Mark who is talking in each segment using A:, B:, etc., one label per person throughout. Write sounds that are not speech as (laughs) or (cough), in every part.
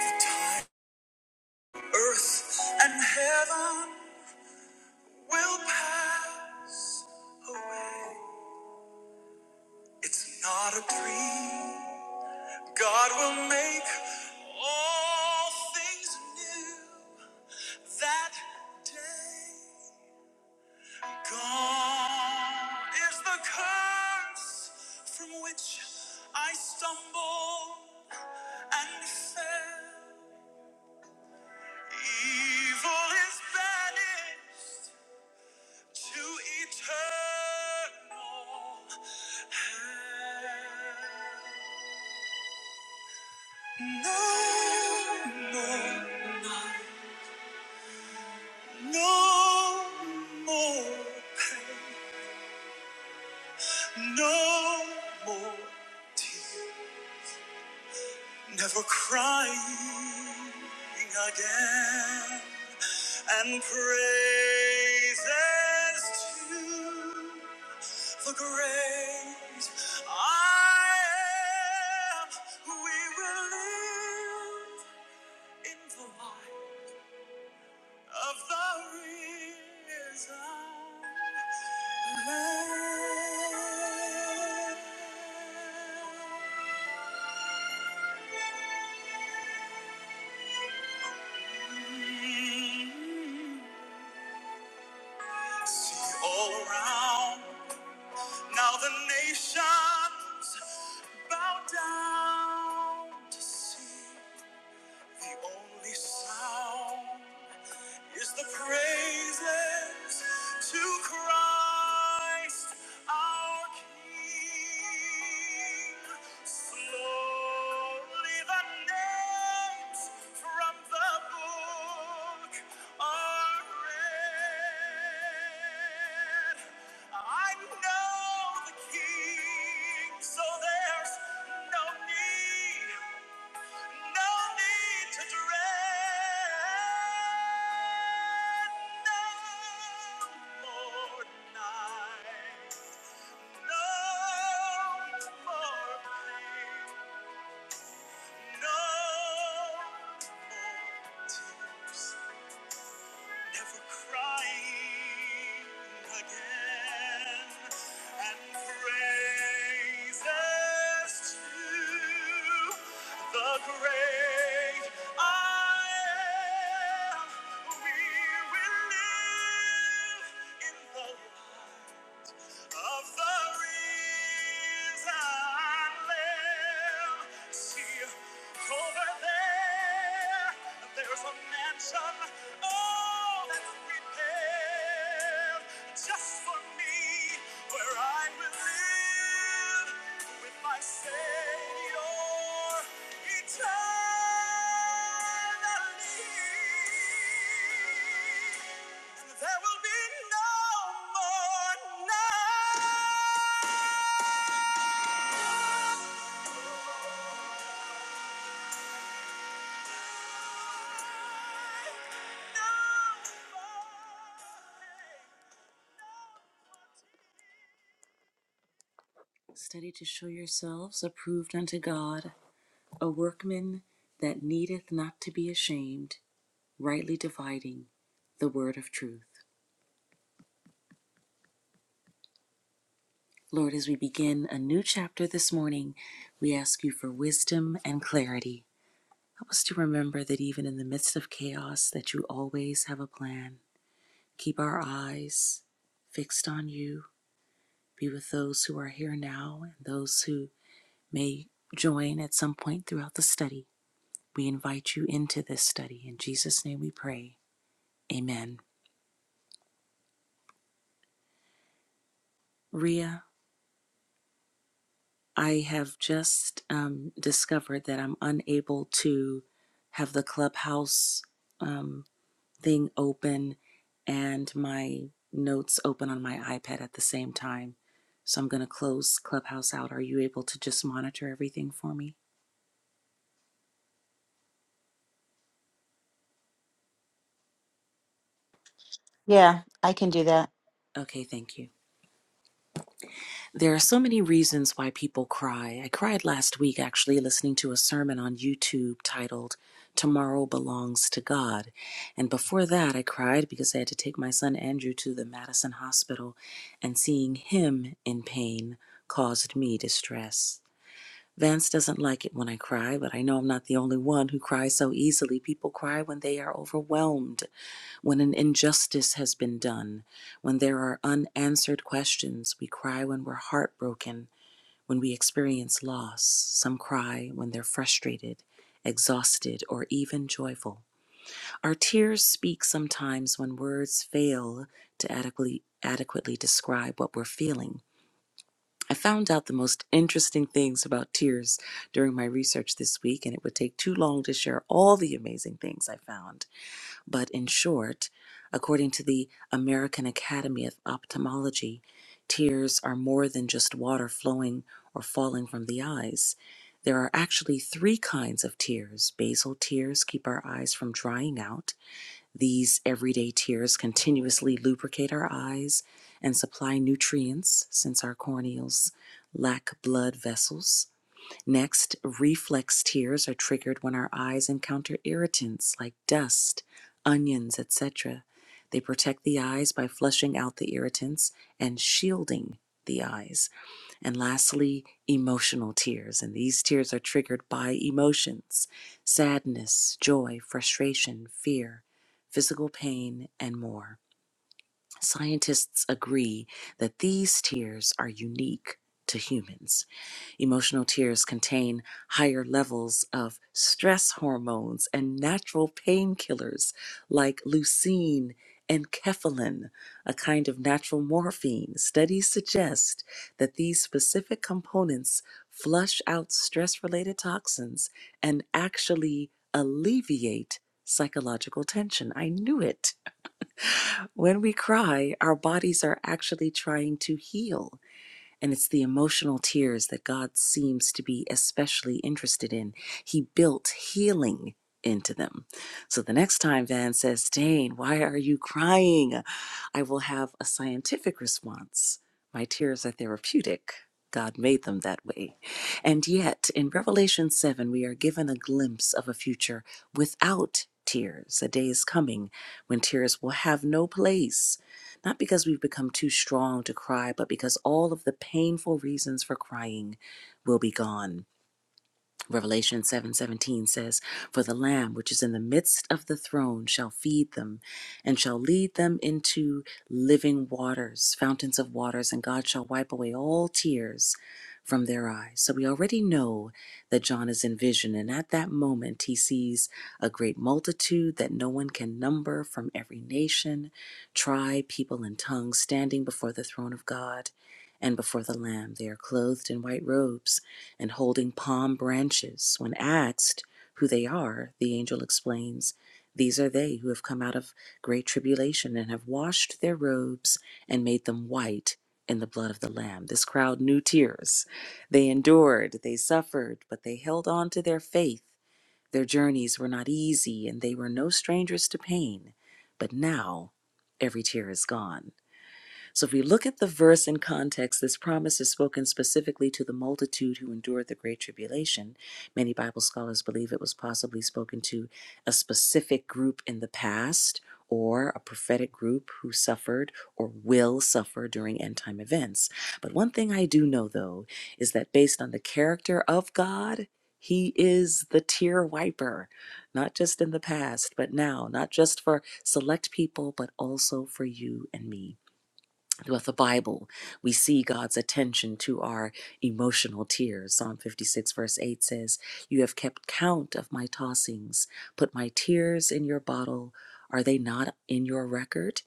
A: The time earth and heaven will pass away. It's not a dream. God will make all things new that day. Gone is the curse from which I stumbled and fell. Evil is banished. to eternal hell. No, no, no more pain, no more tears, never crying again. and praises to the great I am. We will live in the light of the risen Lamb. See all around now the nations Bow down to see the only sound is the praises to Christ our King. Slowly the names from the book are read. I know the King, so there's no need. No need to dread no more night. No more pain. No more tears. never crying again, and praises to the great I am. We will live in the of the risen Lamb. See, over there, there's a mansion, oh, that's prepared just for me, where I. I will live with my Savior eternally. And there will be no more night. Study to show yourselves approved unto God, a workman that needeth not to be ashamed rightly dividing the word of truth. Lord, as we begin a new chapter this morning, we ask you for wisdom and clarity. Help us to remember that even in the midst of chaos that you always have a plan. Keep our eyes fixed on you. Be with those who are here now and those who may join at some point throughout the study. We invite you into this study. In Jesus' name we pray. Amen. Ria, I have just um, discovered that I'm unable to have the clubhouse um, thing open and my notes open on my iPad at the same time. So I'm going to close Clubhouse out. Are you able to just monitor everything for me?
B: Yeah, I can do that.
A: Okay, thank you. There are so many reasons why people cry. I cried last week actually listening to a sermon on YouTube titled Tomorrow Belongs to God. And before that, I cried because I had to take my son Andrew to the Madison Hospital, and seeing him in pain caused me distress. Vance doesn't like it when I cry, but I know I'm not the only one who cries so easily. People cry when they are overwhelmed when an injustice has been done, when there are unanswered questions, we cry when we're heartbroken, when we experience loss. Some cry when they're frustrated, exhausted, or even joyful. Our tears speak sometimes when words fail to adequately, adequately describe what we're feeling. I found out the most interesting things about tears during my research this week, and it would take too long to share all the amazing things I found but in short, according to the American Academy of Ophthalmology, tears are more than just water flowing or falling from the eyes. There are actually three kinds of tears. Basal tears keep our eyes from drying out. These everyday tears continuously lubricate our eyes and supply nutrients since our corneals lack blood vessels. Next, reflex tears are triggered when our eyes encounter irritants like dust, onions, etc. They protect the eyes by flushing out the irritants and shielding the eyes. And lastly, emotional tears. And these tears are triggered by emotions sadness, joy, frustration, fear, physical pain, and more. Scientists agree that these tears are unique to humans. Emotional tears contain higher levels of stress hormones and natural painkillers like leucine and kephalin, a kind of natural morphine. Studies suggest that these specific components flush out stress related toxins and actually alleviate psychological tension. I knew it. When we cry, our bodies are actually trying to heal. And it's the emotional tears that God seems to be especially interested in. He built healing into them. So the next time Van says, Dane, why are you crying? I will have a scientific response. My tears are therapeutic. God made them that way. And yet, in Revelation 7, we are given a glimpse of a future without tears. A day is coming when tears will have no place not because we've become too strong to cry, but because all of the painful reasons for crying will be gone. Revelation 7:17 says, "For the lamb which is in the midst of the throne shall feed them and shall lead them into living waters, fountains of waters, and God shall wipe away all tears from their eyes." So we already know that John is in vision and at that moment he sees a great multitude that no one can number from every nation, tribe, people and tongue standing before the throne of God and before the lamb. They are clothed in white robes and holding palm branches. When asked who they are, the angel explains, These are they who have come out of great tribulation and have washed their robes and made them white in the blood of the Lamb. This crowd knew tears. They endured, they suffered, but they held on to their faith. Their journeys were not easy, and they were no strangers to pain. But now every tear is gone. So if we look at the verse in context, this promise is spoken specifically to the multitude who endured the Great Tribulation. Many Bible scholars believe it was possibly spoken to a specific group in the past or a prophetic group who suffered or will suffer during end time events. But one thing I do know though is that based on the character of God, he is the tear wiper, not just in the past, but now, not just for select people, but also for you and me. Throughout the Bible, we see God's attention to our emotional tears. Psalm 56, verse 8 says, You have kept count of my tossings, put my tears in your bottle. Are they not in your record?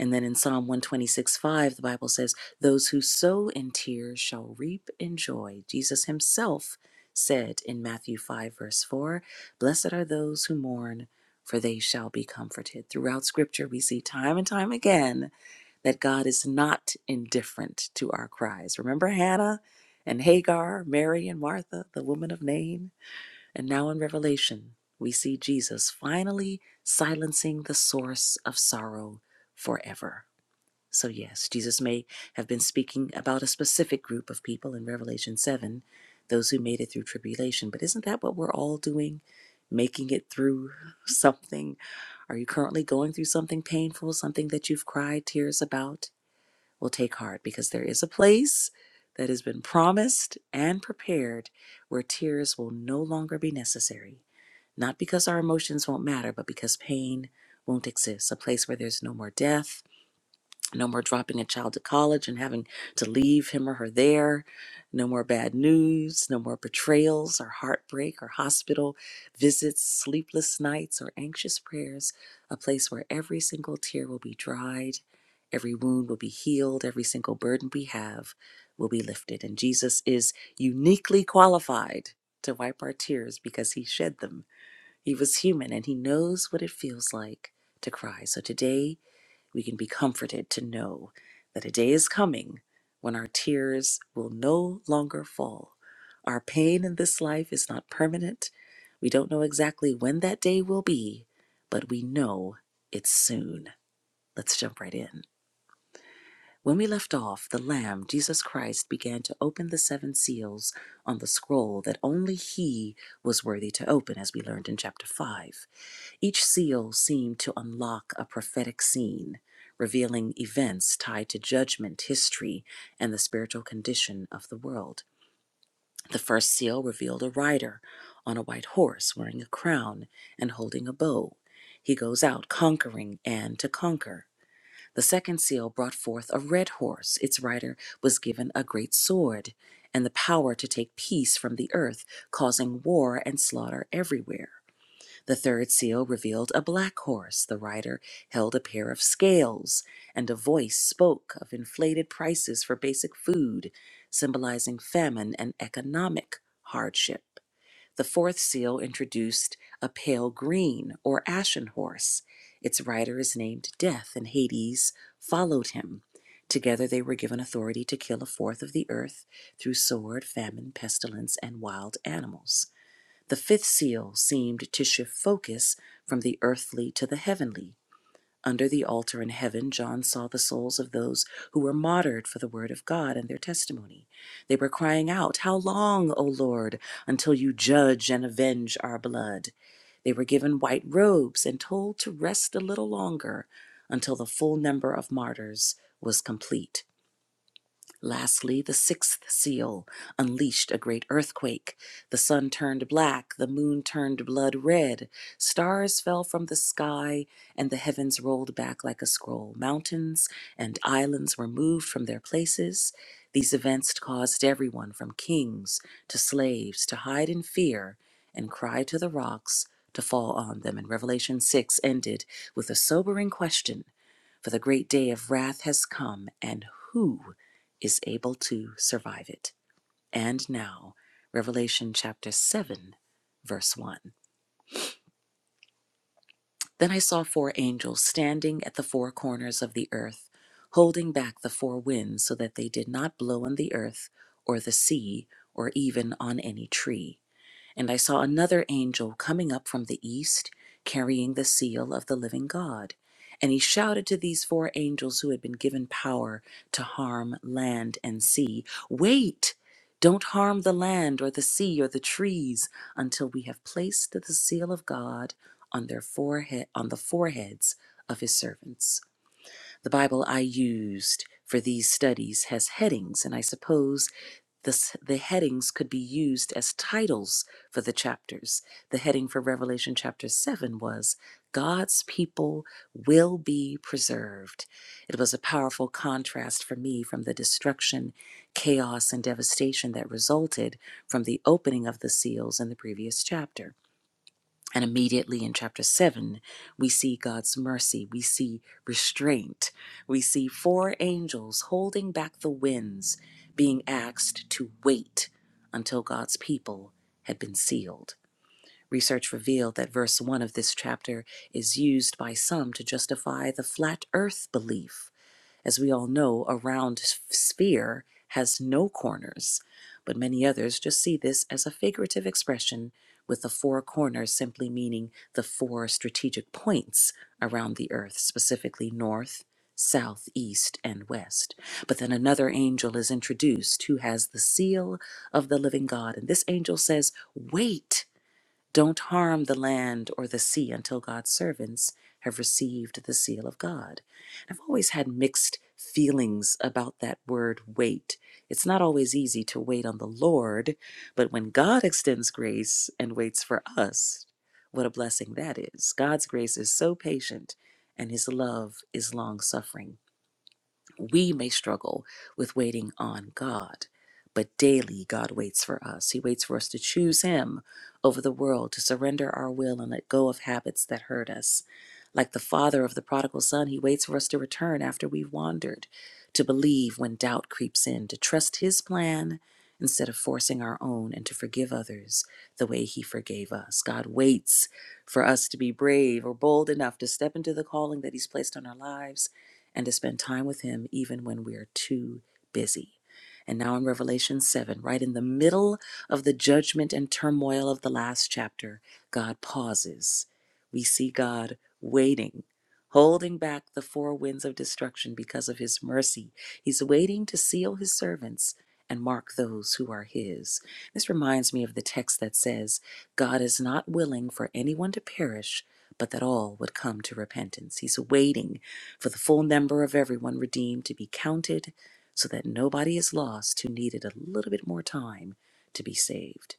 A: And then in Psalm 126, 5, the Bible says, Those who sow in tears shall reap in joy. Jesus himself said in Matthew 5, verse 4, Blessed are those who mourn, for they shall be comforted. Throughout Scripture, we see time and time again that God is not indifferent to our cries. Remember Hannah and Hagar, Mary and Martha, the woman of Nain? And now in Revelation, we see Jesus finally silencing the source of sorrow forever. So, yes, Jesus may have been speaking about a specific group of people in Revelation 7, those who made it through tribulation. But isn't that what we're all doing? Making it through something? Are you currently going through something painful, something that you've cried tears about? will take heart because there is a place that has been promised and prepared where tears will no longer be necessary. Not because our emotions won't matter, but because pain won't exist. A place where there's no more death, no more dropping a child to college and having to leave him or her there. No more bad news. No more betrayals or heartbreak or hospital visits, sleepless nights or anxious prayers. A place where every single tear will be dried, every wound will be healed, every single burden we have will be lifted. And Jesus is uniquely qualified to wipe our tears because he shed them. He was human and he knows what it feels like to cry. So today, we can be comforted to know that a day is coming when our tears will no longer fall. Our pain in this life is not permanent. We don't know exactly when that day will be, but we know it's soon. Let's jump right in. When we left off, the Lamb, Jesus Christ, began to open the seven seals on the scroll that only He was worthy to open, as we learned in chapter 5. Each seal seemed to unlock a prophetic scene, revealing events tied to judgment, history, and the spiritual condition of the world. The first seal revealed a rider on a white horse wearing a crown and holding a bow. He goes out conquering and to conquer. The second seal brought forth a red horse. Its rider was given a great sword and the power to take peace from the earth, causing war and slaughter everywhere. The third seal revealed a black horse. The rider held a pair of scales, and a voice spoke of inflated prices for basic food, symbolizing famine and economic hardship. The fourth seal introduced a pale green or ashen horse. Its rider is named Death, and Hades followed him. Together they were given authority to kill a fourth of the earth through sword, famine, pestilence, and wild animals. The fifth seal seemed to shift focus from the earthly to the heavenly under the altar in heaven, John saw the souls of those who were martyred for the word of God and their testimony. They were crying out, How long, O Lord, until you judge and avenge our blood? They were given white robes and told to rest a little longer until the full number of martyrs was complete. Lastly, the sixth seal unleashed a great earthquake. The sun turned black, the moon turned blood red, stars fell from the sky, and the heavens rolled back like a scroll. Mountains and islands were moved from their places. These events caused everyone from kings to slaves to hide in fear and cry to the rocks to fall on them. And Revelation 6 ended with a sobering question For the great day of wrath has come, and who? is able to survive it. And now, Revelation chapter 7, verse 1. Then I saw four angels standing at the four corners of the earth, holding back the four winds so that they did not blow on the earth or the sea or even on any tree. And I saw another angel coming up from the east, carrying the seal of the living God. And he shouted to these four angels who had been given power to harm land and sea Wait! Don't harm the land or the sea or the trees until we have placed the seal of God on their forehead on the foreheads of his servants. The Bible I used for these studies has headings, and I suppose this, the headings could be used as titles for the chapters. The heading for Revelation chapter 7 was God's People Will Be Preserved. It was a powerful contrast for me from the destruction, chaos, and devastation that resulted from the opening of the seals in the previous chapter. And immediately in chapter 7, we see God's mercy, we see restraint, we see four angels holding back the winds, being asked to wait until God's people had been sealed. Research revealed that verse 1 of this chapter is used by some to justify the flat earth belief as we all know, a round sphere has no corners, but many others just see this as a figurative expression with the four corners simply meaning the four strategic points around the earth, specifically north, south, east, and west. But then another angel is introduced who has the seal of the living God, and this angel says, Wait. Don't harm the land or the sea until God's servants have received the seal of God. I've always had mixed feelings about that word wait. It's not always easy to wait on the Lord, but when God extends grace and waits for us, what a blessing that is. God's grace is so patient and his love is long suffering. We may struggle with waiting on God, but daily God waits for us. He waits for us to choose Him over the world, to surrender our will and let go of habits that hurt us. Like the father of the prodigal son, he waits for us to return after we've wandered, to believe when doubt creeps in, to trust his plan instead of forcing our own, and to forgive others the way he forgave us. God waits for us to be brave or bold enough to step into the calling that he's placed on our lives and to spend time with Him even when we're too busy. And now in Revelation 7, right in the middle of the judgment and turmoil of the last chapter, God pauses. We see God waiting, holding back the four winds of destruction because of His mercy. He's waiting to seal His servants and mark those who are His. This reminds me of the text that says, God is not willing for anyone to perish, but that all would come to repentance. He's waiting for the full number of everyone redeemed to be counted so that nobody is lost who needed a little bit more time to be saved.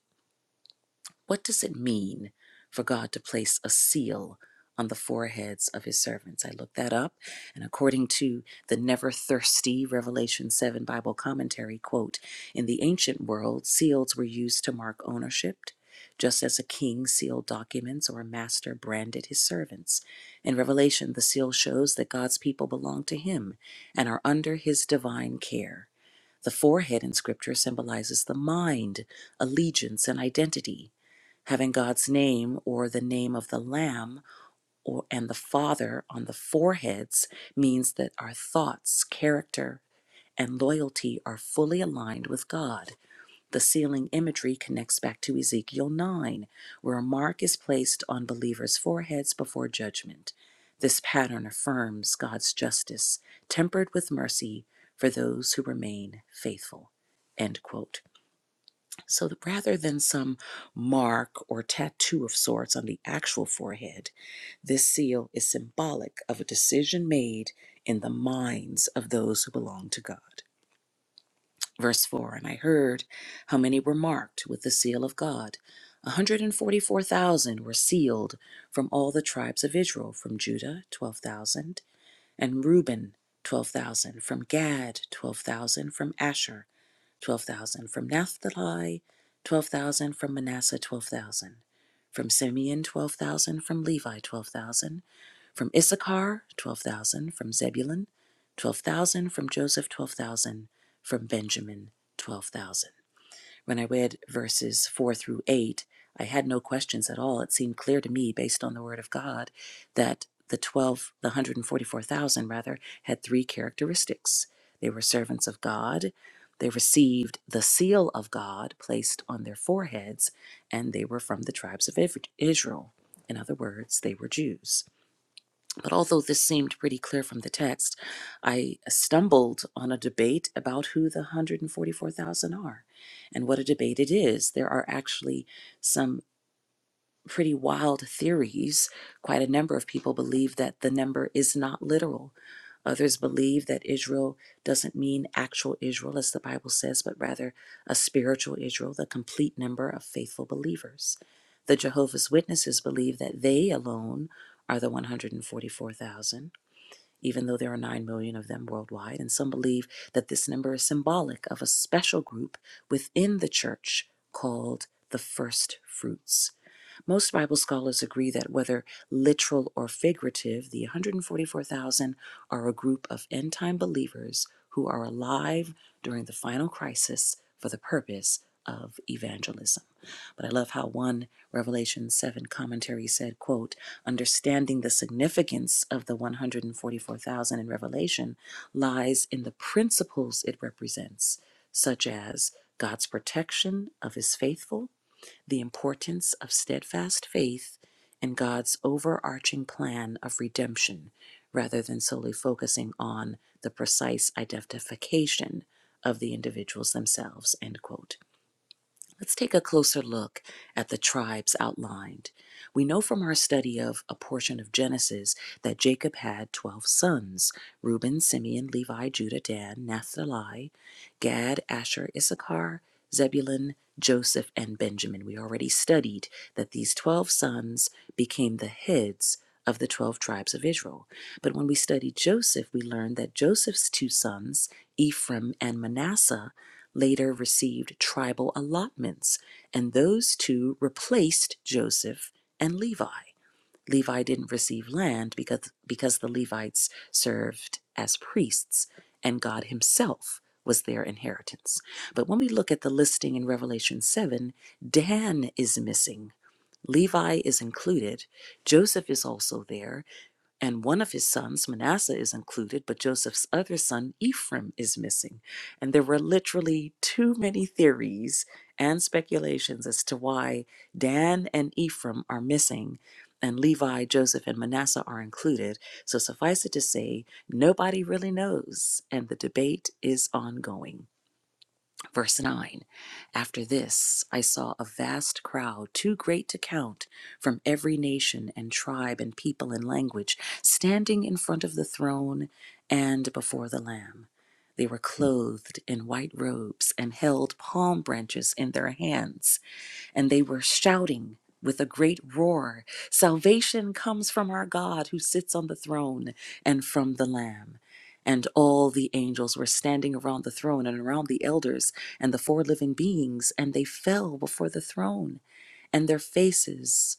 A: What does it mean for God to place a seal on the foreheads of his servants? I looked that up, and according to the Never Thirsty Revelation 7 Bible commentary, quote, in the ancient world, seals were used to mark ownership, just as a king sealed documents or a master branded his servants. In Revelation, the seal shows that God's people belong to him and are under his divine care. The forehead in scripture symbolizes the mind, allegiance, and identity having God's name or the name of the Lamb or, and the Father on the foreheads means that our thoughts, character, and loyalty are fully aligned with God. The sealing imagery connects back to Ezekiel 9, where a mark is placed on believers' foreheads before judgment. This pattern affirms God's justice, tempered with mercy for those who remain faithful. End quote. So that rather than some mark or tattoo of sorts on the actual forehead, this seal is symbolic of a decision made in the minds of those who belong to God. Verse 4 And I heard how many were marked with the seal of God. 144,000 were sealed from all the tribes of Israel, from Judah, 12,000, and Reuben, 12,000, from Gad, 12,000, from Asher. 12,000. From Naphtali, 12,000. From Manasseh, 12,000. From Simeon, 12,000. From Levi, 12,000. From Issachar, 12,000. From Zebulun, 12,000. From Joseph, 12,000. From Benjamin, 12,000. When I read verses 4 through 8, I had no questions at all. It seemed clear to me, based on the Word of God, that the 12, the 144,000 rather, had three characteristics. They were servants of God, they received the seal of God placed on their foreheads, and they were from the tribes of Israel. In other words, they were Jews. But although this seemed pretty clear from the text, I stumbled on a debate about who the 144,000 are and what a debate it is. There are actually some pretty wild theories. Quite a number of people believe that the number is not literal. Others believe that Israel doesn't mean actual Israel, as the Bible says, but rather a spiritual Israel, the complete number of faithful believers. The Jehovah's Witnesses believe that they alone are the 144,000, even though there are 9 million of them worldwide. And some believe that this number is symbolic of a special group within the church called the first fruits. Most Bible scholars agree that whether literal or figurative, the 144,000 are a group of end time believers who are alive during the final crisis for the purpose of evangelism. But I love how one Revelation 7 commentary said, quote, understanding the significance of the 144,000 in Revelation lies in the principles it represents, such as God's protection of his faithful the importance of steadfast faith and God's overarching plan of redemption, rather than solely focusing on the precise identification of the individuals themselves. End quote. Let's take a closer look at the tribes outlined. We know from our study of a portion of Genesis that Jacob had 12 sons Reuben, Simeon, Levi, Judah, Dan, Naphtali, Gad, Asher, Issachar, Zebulun, Joseph, and Benjamin. We already studied that these 12 sons became the heads of the 12 tribes of Israel. But when we studied Joseph, we learned that Joseph's two sons, Ephraim and Manasseh, later received tribal allotments, and those two replaced Joseph and Levi. Levi didn't receive land because, because the Levites served as priests, and God Himself was their inheritance. But when we look at the listing in Revelation 7, Dan is missing. Levi is included. Joseph is also there. And one of his sons, Manasseh, is included, but Joseph's other son, Ephraim, is missing. And there were literally too many theories and speculations as to why Dan and Ephraim are missing, and Levi, Joseph, and Manasseh are included. So suffice it to say, nobody really knows, and the debate is ongoing. Verse 9 After this, I saw a vast crowd, too great to count, from every nation and tribe and people and language, standing in front of the throne and before the Lamb. They were clothed in white robes and held palm branches in their hands and they were shouting with a great roar Salvation comes from our God who sits on the throne and from the Lamb. And all the angels were standing around the throne and around the elders and the four living beings, and they fell before the throne, and their faces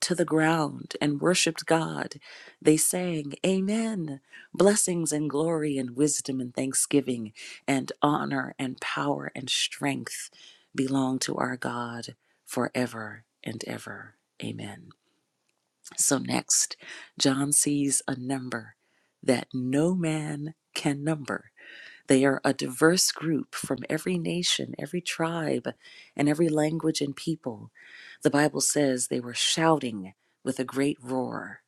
A: to the ground and worshiped God. They sang, Amen. Blessings and glory and wisdom and thanksgiving and honor and power and strength belong to our God forever and ever. Amen. So next, John sees a number that no man can number. They are a diverse group from every nation, every tribe, and every language and people. The Bible says they were shouting with a great roar.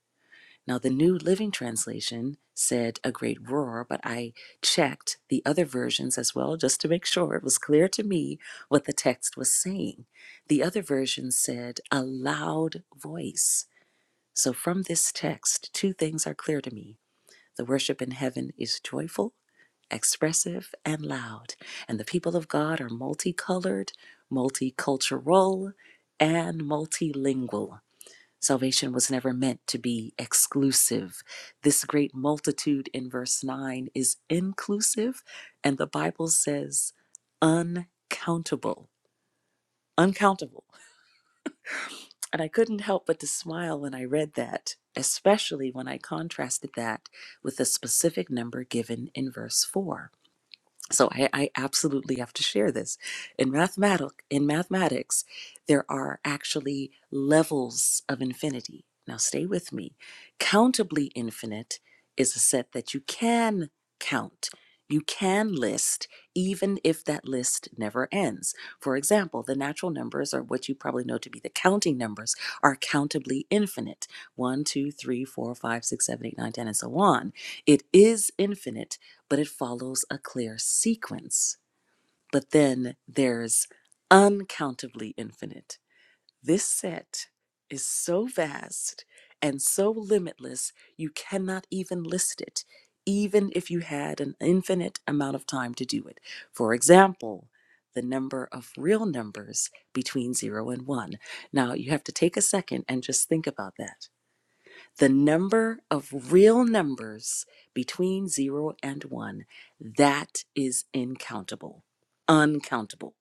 A: Now, the New Living Translation said a great roar, but I checked the other versions as well just to make sure it was clear to me what the text was saying. The other version said a loud voice. So, from this text, two things are clear to me. The worship in heaven is joyful, expressive, and loud. And the people of God are multicolored, multicultural, and multilingual. Salvation was never meant to be exclusive. This great multitude in verse 9 is inclusive, and the Bible says uncountable. Uncountable. And I couldn't help but to smile when I read that, especially when I contrasted that with the specific number given in verse 4. So I, I absolutely have to share this. In mathematic, in mathematics, there are actually levels of infinity. Now stay with me. Countably infinite is a set that you can count. You can list, even if that list never ends. For example, the natural numbers, or what you probably know to be the counting numbers, are countably infinite one, 2, 3, 4, 5, 6, 7, 8, 9, 10, and so on. It is infinite, but it follows a clear sequence. But then there's uncountably infinite. This set is so vast and so limitless, you cannot even list it, even if you had an infinite amount of time to do it. For example, the number of real numbers between 0 and 1. Now, you have to take a second and just think about that. The number of real numbers between 0 and 1, that is incountable, uncountable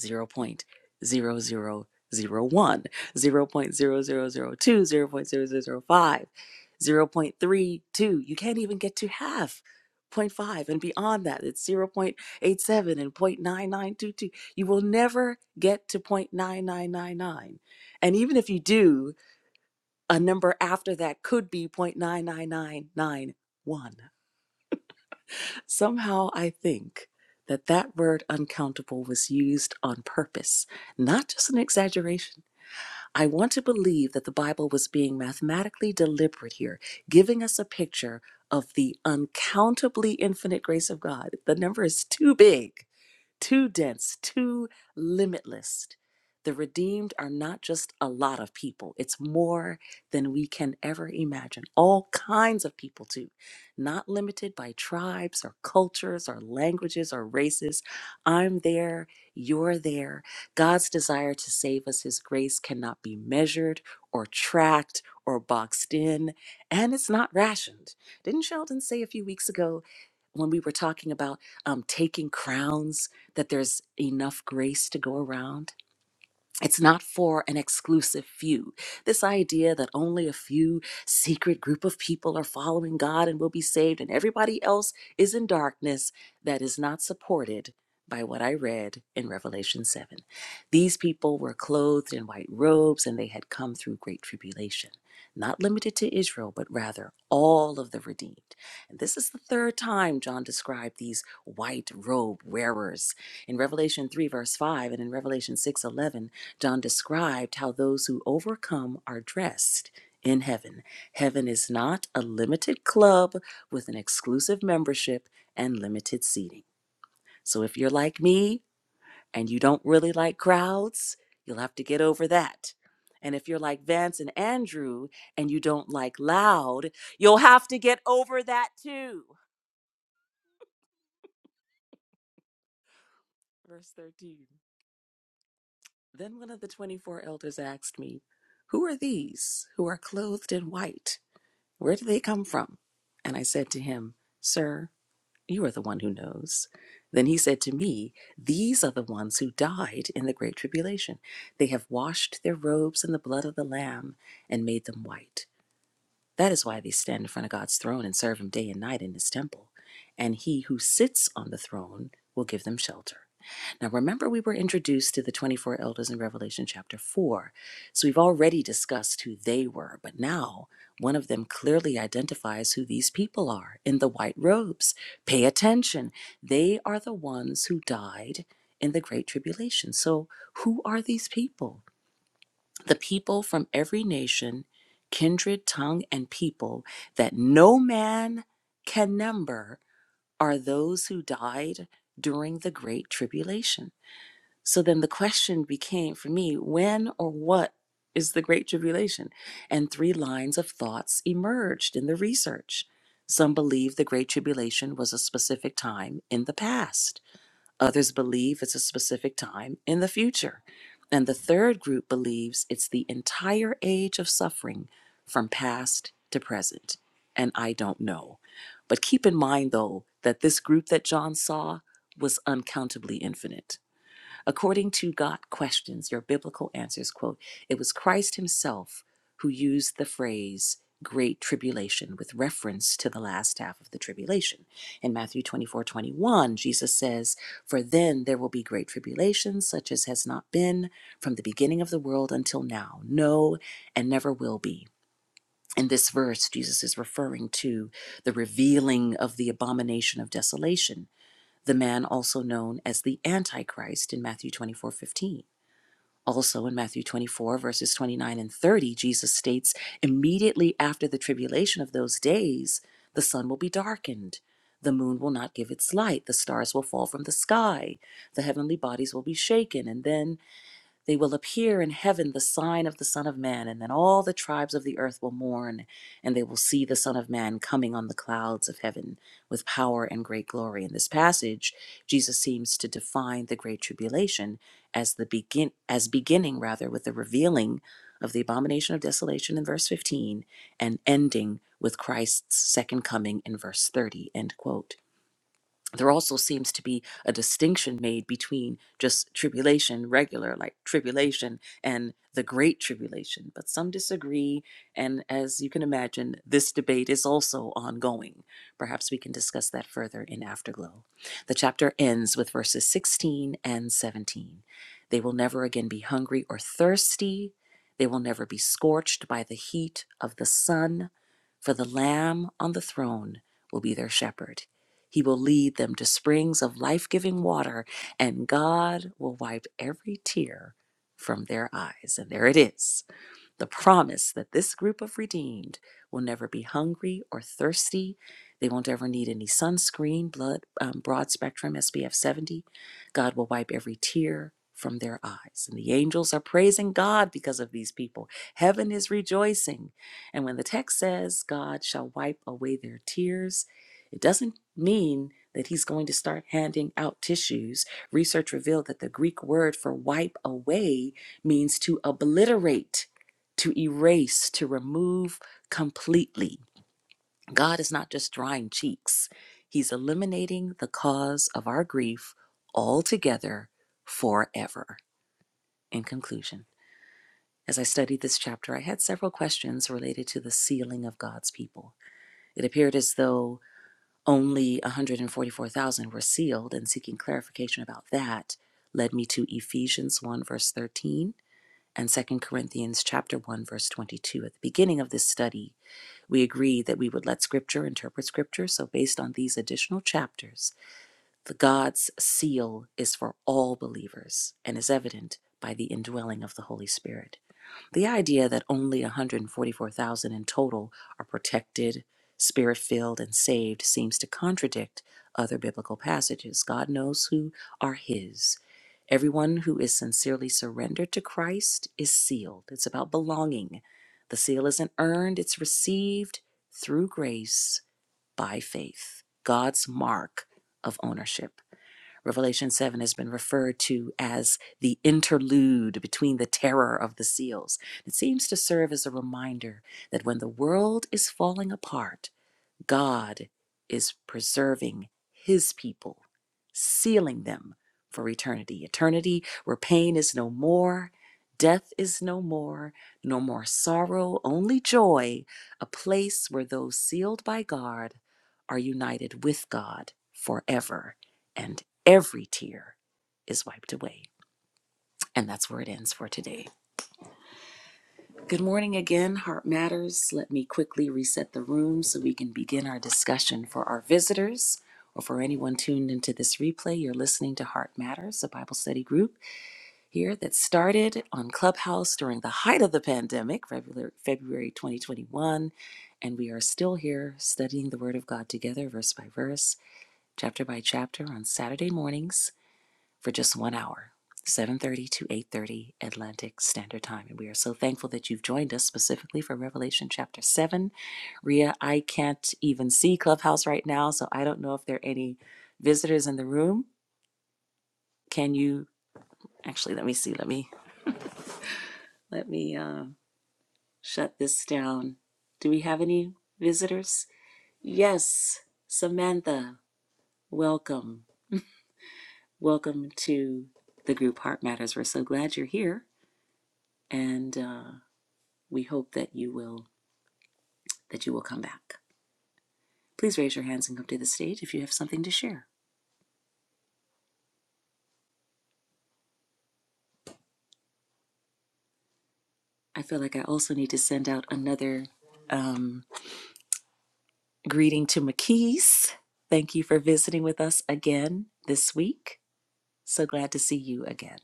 A: zero point zero zero zero 0.0001, zero point zero zero zero two, zero point zero zero zero five, zero point three two. You can't even get to half. zero point 0.5 and beyond that, it's 0.87 and 0.9922. You will never get to 0.9999. And even if you do, a number after that could be 0.99991. Somehow I think that that word uncountable was used on purpose, not just an exaggeration. I want to believe that the Bible was being mathematically deliberate here, giving us a picture of the uncountably infinite grace of God. The number is too big too dense, too limitless. The redeemed are not just a lot of people, it's more than we can ever imagine. All kinds of people, too, not limited by tribes or cultures or languages or races. I'm there, you're there. God's desire to save us, His grace cannot be measured or tracked or boxed in, and it's not rationed. Didn't Sheldon say a few weeks ago? when we were talking about um, taking crowns, that there's enough grace to go around. It's not for an exclusive few. This idea that only a few secret group of people are following God and will be saved and everybody else is in darkness, that is not supported by what I read in Revelation 7. These people were clothed in white robes and they had come through great tribulation, not limited to Israel, but rather all of the redeemed. And this is the third time John described these white robe wearers in Revelation 3, verse 5, and in Revelation 6 11. John described how those who overcome are dressed in heaven. Heaven is not a limited club with an exclusive membership and limited seating. So if you're like me and you don't really like crowds, you'll have to get over that. And if you're like Vance and Andrew and you don't like loud, you'll have to get over that too. Verse 13. Then one of the 24 elders asked me, Who are these who are clothed in white? Where do they come from? And I said to him, Sir, you are the one who knows. Then he said to me, These are the ones who died in the Great Tribulation. They have washed their robes in the blood of the Lamb and made them white. That is why they stand in front of God's throne and serve Him day and night in His temple. And He who sits on the throne will give them shelter. Now, remember, we were introduced to the 24 elders in Revelation chapter 4. So we've already discussed who they were, but now one of them clearly identifies who these people are in the white robes. Pay attention. They are the ones who died in the Great Tribulation. So, who are these people? the people from every nation, kindred, tongue, and people that no man can number are those who died during the Great Tribulation. So then the question became for me when or what is the Great Tribulation? And three lines of thoughts emerged in the research. Some believe the Great Tribulation was a specific time in the past. Others believe it's a specific time in the future. And the third group believes it's the entire age of suffering from past to present. And I don't know. But keep in mind, though, that this group that John saw was uncountably infinite. According to God Questions, your biblical answers quote, it was Christ himself who used the phrase great tribulation with reference to the last half of the tribulation. In Matthew 24:21, Jesus says, For then there will be great tribulation, such as has not been from the beginning of the world until now, no, and never will be. In this verse, Jesus is referring to the revealing of the abomination of desolation the man also known as the Antichrist in Matthew 24:15. Also in Matthew 24, verses 29 and 30, Jesus states, Immediately after the tribulation of those days, the sun will be darkened, the moon will not give its light, the stars will fall from the sky, the heavenly bodies will be shaken, and then they will appear in heaven the sign of the Son of Man, and then all the tribes of the earth will mourn, and they will see the Son of Man coming on the clouds of heaven with power and great glory. In this passage, Jesus seems to define the great tribulation as the begin as beginning rather with the revealing of the abomination of desolation in verse 15 and ending with Christ's second coming in verse 30. End quote there also seems to be a distinction made between just tribulation, regular like tribulation, and the great tribulation. But some disagree, and as you can imagine, this debate is also ongoing. Perhaps we can discuss that further in Afterglow. The chapter ends with verses 16 and 17. They will never again be hungry or thirsty, they will never be scorched by the heat of the sun, for the Lamb on the throne will be their shepherd he will lead them to springs of life giving water, and God will wipe every tear from their eyes. And there it is the promise that this group of redeemed will never be hungry or thirsty. They won't ever need any sunscreen, blood, um, broad spectrum, SPF 70. God will wipe every tear from their eyes. And the angels are praising God because of these people. Heaven is rejoicing. And when the text says God shall wipe away their tears, it doesn't mean that he's going to start handing out tissues. Research revealed that the Greek word for wipe away means to obliterate to erase, to remove completely. God is not just drying cheeks, He's eliminating the cause of our grief altogether forever. In conclusion, as I studied this chapter, I had several questions related to the sealing of God's people. It appeared as though only 144,000 were sealed, and seeking clarification about that led me to Ephesians 1, verse 13, and Second Corinthians chapter 1, verse 22 at the beginning of this study We agreed that we would let Scripture interpret Scripture. So, based on these additional chapters, the God's seal is for all believers and is evident by the indwelling of the Holy Spirit. The idea that only 144,000 in total are protected, spirit filled, and saved seems to contradict other biblical passages. God knows who are His. Everyone who is sincerely surrendered to Christ is sealed. It's about belonging. The seal isn't earned, it's received through grace by faith, God's mark of ownership. Revelation 7 has been referred to as the interlude between the terror of the seals. It seems to serve as a reminder that when the world is falling apart, God is preserving his people, sealing them for eternity. Eternity where pain is no more, death is no more, no more sorrow, only joy, a place where those sealed by God are united with God forever, and every tear is wiped away. And that's where it ends for today. Good morning again, Heart Matters. Let me quickly reset the room so we can begin our discussion for our visitors or for anyone tuned into this replay. You're listening to Heart Matters, a Bible study group here that started on Clubhouse during the height of the pandemic, February, February 2021. And we are still here studying the Word of God together, verse by verse, chapter by chapter, on Saturday mornings for just one hour 7.30 to 8.30 atlantic standard time and we are so thankful that you've joined us specifically for revelation chapter 7 ria i can't even see clubhouse right now so i don't know if there are any visitors in the room can you actually let me see let me let me uh, shut this down do we have any visitors yes samantha welcome welcome to the group heart matters we're so glad you're here and uh, we hope that you will that you will come back. Please raise your hands and come to the stage if you have something to share. I feel like I also need to send out another um, greeting to McKees. Thank you for visiting with us again this week. So glad to see you again.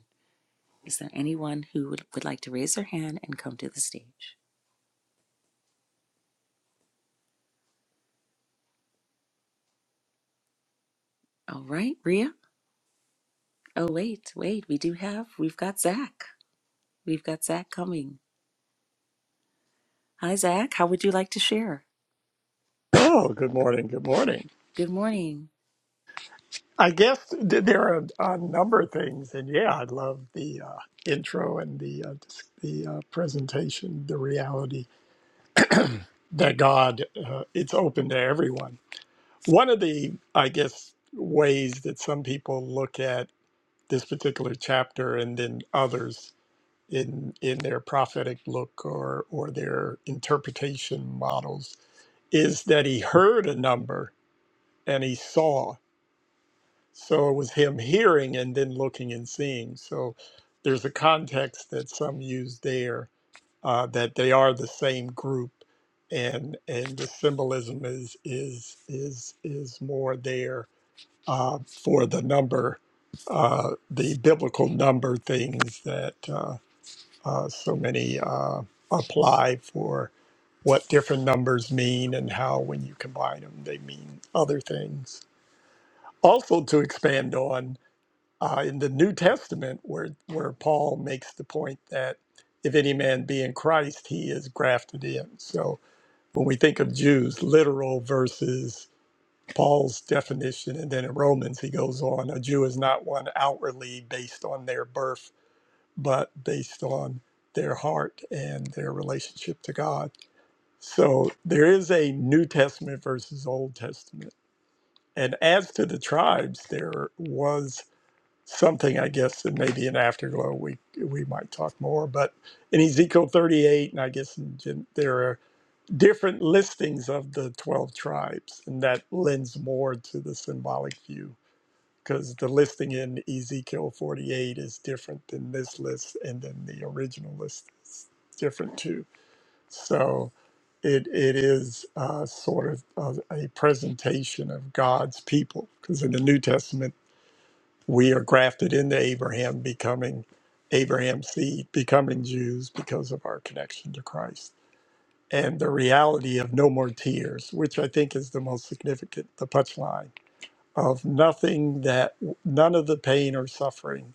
A: Is there anyone who would, would like to raise their hand and come to the stage? All right, Ria. Oh, wait, wait. We do have, we've got Zach. We've got Zach coming. Hi, Zach. How would you like to share?
C: Oh, good morning. Good morning.
A: Good morning.
C: I guess th- there are a number of things, and yeah, I love the uh, intro and the uh, dis- the uh, presentation, the reality that God uh, it's open to everyone. One of the, I guess, ways that some people look at this particular chapter and then others in in their prophetic look or or their interpretation models is that he heard a number and he saw So it was him hearing and then looking and seeing. So there's a context that some use there uh, that they are the same group, and and the symbolism is is is is more there uh, for the number, uh, the biblical number things that uh, uh, so many uh, apply for what different numbers mean and how when you combine them they mean other things. Also to expand on uh, in the New Testament where where Paul makes the point that if any man be in Christ, he is grafted in. So when we think of Jews, literal versus Paul's definition, and then in Romans he goes on, a Jew is not one outwardly based on their birth, but based on their heart and their relationship to God. So there is a New Testament versus Old Testament. And as to the tribes, there was something I guess that maybe an afterglow we we might talk more. But in Ezekiel 38, and I guess in, Gen- there are different listings of the 12 tribes, and that lends more to the symbolic view because the listing in Ezekiel 48 is different than this list, and then the original list is different too. So. It, it is uh, sort of a, a presentation of God's people because in the New Testament we are grafted into Abraham, becoming Abraham's seed, becoming Jews because of our connection to Christ. And the reality of no more tears, which I think is the most significant, the punchline of nothing that, none of the pain or suffering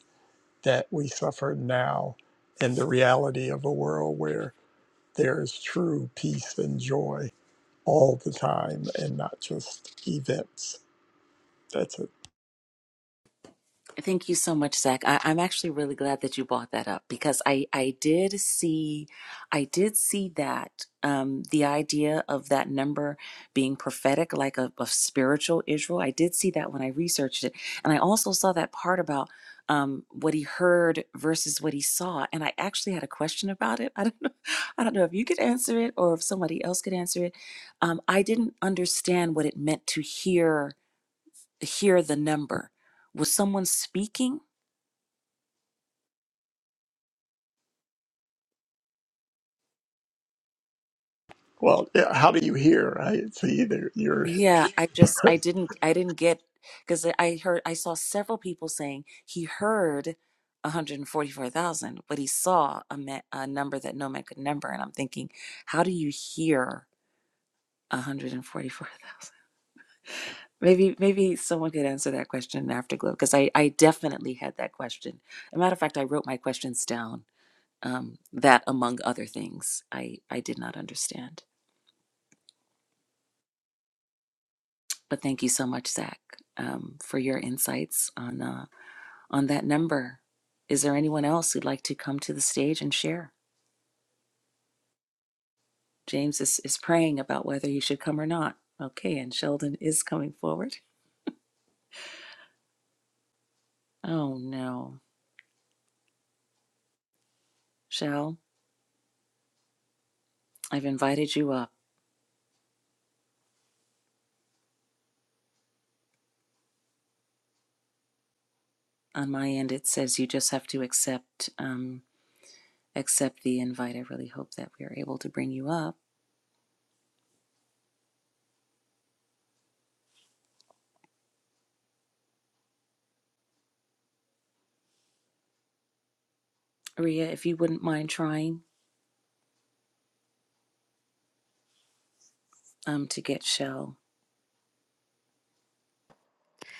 C: that we suffer now, and the reality of a world where there is true peace and joy all the time and not just events. That's it.
A: Thank you so much, Zach. I, I'm actually really glad that you brought that up because I, I did see, I did see that um, the idea of that number being prophetic, like a of spiritual Israel. I did see that when I researched it, and I also saw that part about um, what he heard versus what he saw. And I actually had a question about it. (laughs) I don't know, (laughs) I don't know if you could answer it or if somebody else could answer it. Um, I didn't understand what it meant to hear hear the number. Was someone speaking?
C: Well, yeah, how do you hear, right? See, there, you're
A: Yeah, I just I didn't I didn't get because I heard I saw several people saying he heard 144,000, but he saw a, ma- a number that no man could number, and I'm thinking, how do you hear 144,000? Maybe maybe someone could answer that question in Afterglow because I I definitely had that question. As a matter of fact, I wrote my questions down. Um, that among other things, I I did not understand. But thank you so much, Zach, um, for your insights on. Uh, on that number. Is there anyone else who'd like to come to the stage and share? James is, is praying about whether he should come or not. Okay, and Sheldon is coming forward. Oh no. Shell, I've invited you up. On my end, it says you just have to accept um, accept the invite. I really hope that we are able to bring you up. Ria, if you wouldn't mind trying um, to get Shell.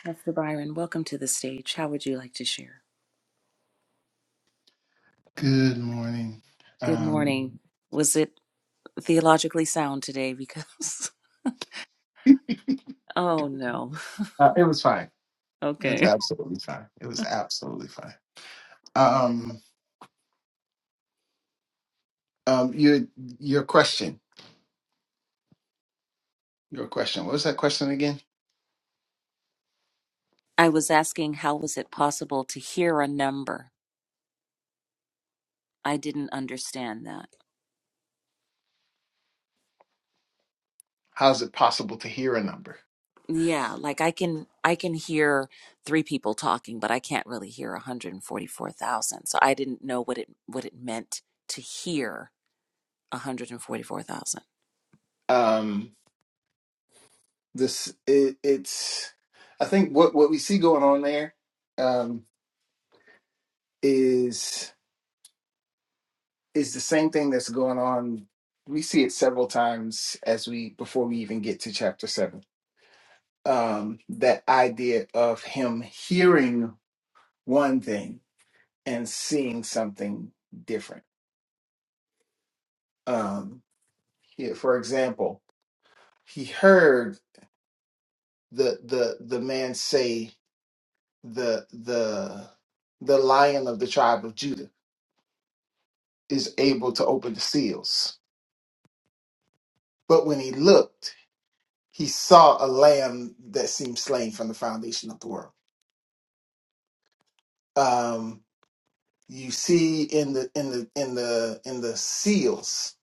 A: Pastor Byron, welcome to the stage. How would you like to share?
D: Good morning.
A: Good
D: Um,
A: morning. Was it theologically sound today? Because (laughs)
D: (laughs)
A: Oh no. (laughs)
D: uh, it was fine. It was
A: Okay.
D: absolutely fine. It was absolutely fine. Um, um, your your question, your question. What was that question again?
A: I was asking how was it possible to hear a number? I didn't understand that.
D: How is it possible to hear a number?
A: Yeah, like I can I can hear three people talking, but I can't really hear 144,000. So I didn't know what it what it meant to hear 144,000.
D: Um, this it, it's. I think what what we see going on there um, is is the same thing that's going on. We see it several times as we before we even get to chapter seven. Um, that idea of him hearing one thing and seeing something different. Um, here, for example, he heard the the the man say the the the lion of the tribe of Judah is able to open the seals, but when he looked, he saw a lamb that seemed slain from the foundation of the world. Um, you see in the in the in the in the seals.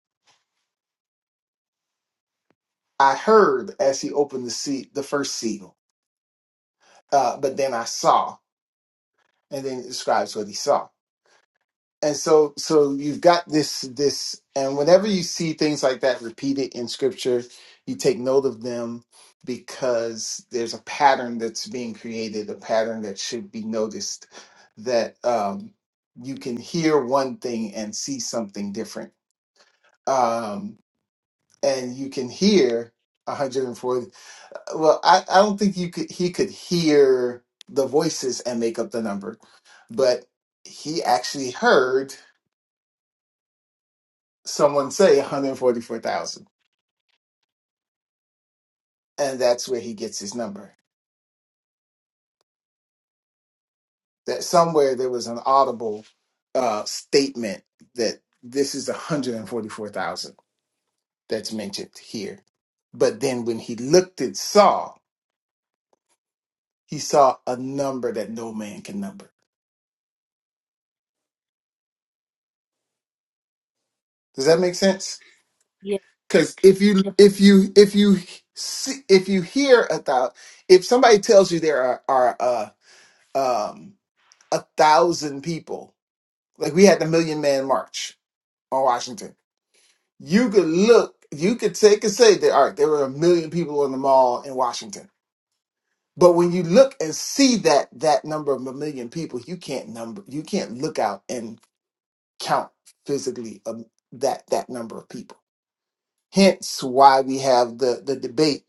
D: I heard as he opened the sea, the first seal, uh, but then I saw. and then it describes what he saw. And so so you've got this this and whenever you see things like that repeated in scripture, you take note of them because there's a pattern that's being created, a pattern that should be noticed that um you can hear one thing and see something different. Um and you can hear 144,000 well, I, I don't think you could he could hear the voices and make up the number, but he actually heard someone say 144,000, and that's where he gets his number. That somewhere there was an audible uh, statement that this is 144,000 that's mentioned here. But then when he looked and saw, he saw a number that no man can number. Does that make sense? Because if you if you if you see, if you hear about if somebody tells you there are are uh, um, a thousand people like we had the Million Man March on Washington, you could look, you could take and say that all right, there were a million people in the mall in Washington. But when you look and see that that number of a million people, you can't number, you can't look out and count physically um, that that number of people. Hence, why we have the the debate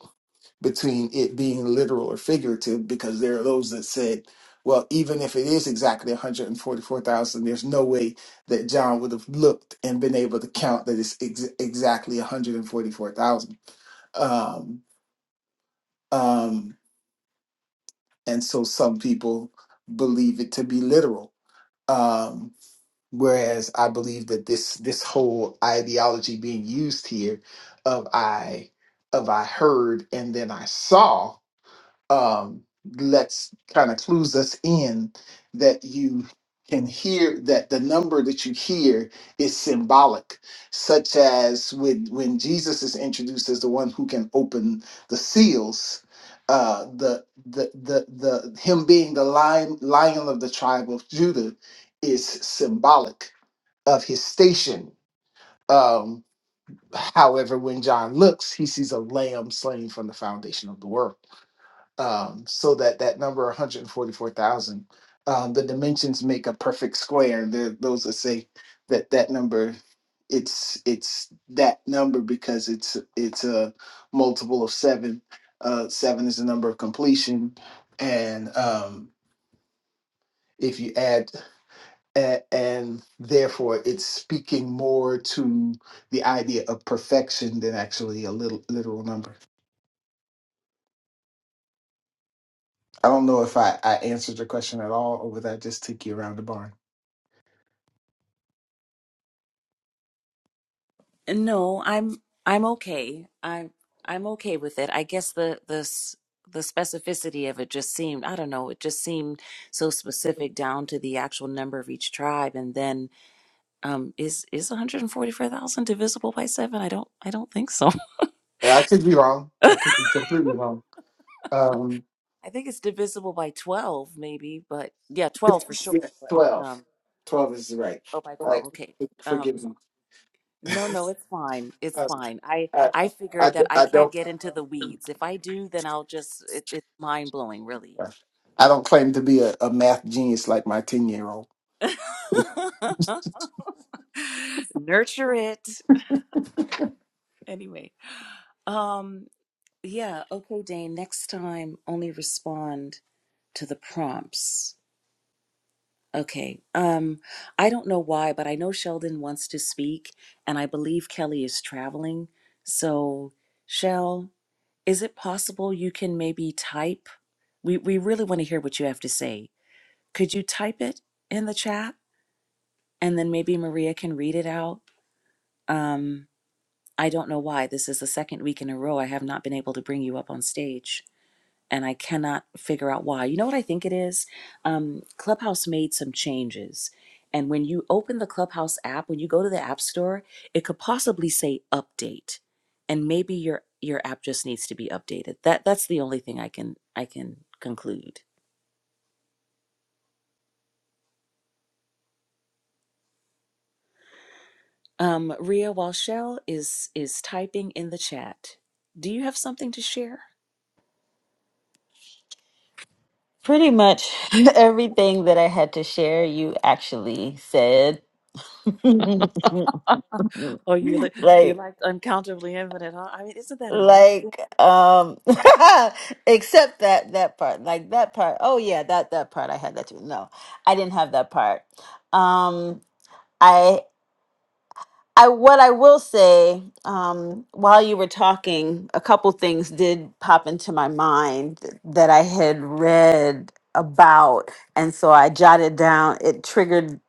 D: between it being literal or figurative because there are those that said, well, even if it is exactly 144,000, there's no way that John would have looked and been able to count that it's ex- exactly 144,000. Um, um, and so some people believe it to be literal. Um, whereas I believe that this this whole ideology being used here of I of I heard and then I saw um, lets kind of clues us in that you can hear that the number that you hear is symbolic, such as when when Jesus is introduced as the one who can open the seals. Uh, the, the the the him being the lion lion of the tribe of Judah is symbolic of his station. Um, however, when John looks, he sees a lamb slain from the foundation of the world um, so that that number 144,000, um, the dimensions make a perfect square. There, those that say that that number it's it's that number because it's it's a multiple of seven. Uh, seven is the number of completion, and um, if you add a- and therefore it's speaking more to the idea of perfection than actually a little literal number. I don't know if I, I answered your question at all, or whether I just took you around the barn.
A: No, I'm I'm okay. I'm I'm okay with it. I guess the the s- the specificity of it just seemed, I don't know, it just seemed so specific down to the actual number of each tribe and then um is is 144,000 divisible by 7? I don't I don't think so. (laughs)
D: Yeah, I could be wrong. I could be completely wrong. Um,
A: I think it's divisible by 12 maybe, but yeah, 12 for
D: yes,
A: sure,
D: yes,
A: but
D: 12.
A: um
D: 12 is right.
A: oh by 12,
D: Like,
A: okay.
D: forgive
A: Um
D: me. (laughs)
A: No, no, it's fine. It's
D: I,
A: fine. I
D: I,
A: I
D: I,
A: figured that I
D: I
A: can't
D: don't
A: get into the weeds. If I do, then I'll just it, it's mind blowing, really.
D: I don't claim to be a, a math genius like my 10 year old.
A: (laughs) Nurture it. Anyway. Um yeah, okay, Dane, next time only respond to the prompts. Okay. Um I don't know why, but I know Sheldon wants to speak and I believe Kelly is traveling. So, Shell, is it possible you can maybe type We, we really want to hear what you have to say. Could you type it in the chat? And then maybe Maria can read it out. Um, I don't know why. This is the second week in a row I have not been able to bring you up on stage. And I cannot figure out why. You know what I think it is? Um, Clubhouse made some changes. And when you open the Clubhouse app, when you go to the App Store, it could possibly say update. And maybe your your app just needs to be updated. That that's the only thing I can I can conclude. Um, Ria, while Shell is is typing in the chat, do you have something to share?
B: Pretty much (laughs) everything that I had to share, you actually said. (laughs)
A: Oh, you li- you
B: like,
A: liked uncountably infinite, huh? I mean, isn't that amazing?
B: like, um, (laughs) except that that part, like that part. Oh yeah, that that part I had that too. No, I didn't have that part. Um, I what I will say, um, while you were talking, a couple things did pop into my mind that I had read about, and so I jotted down. It triggered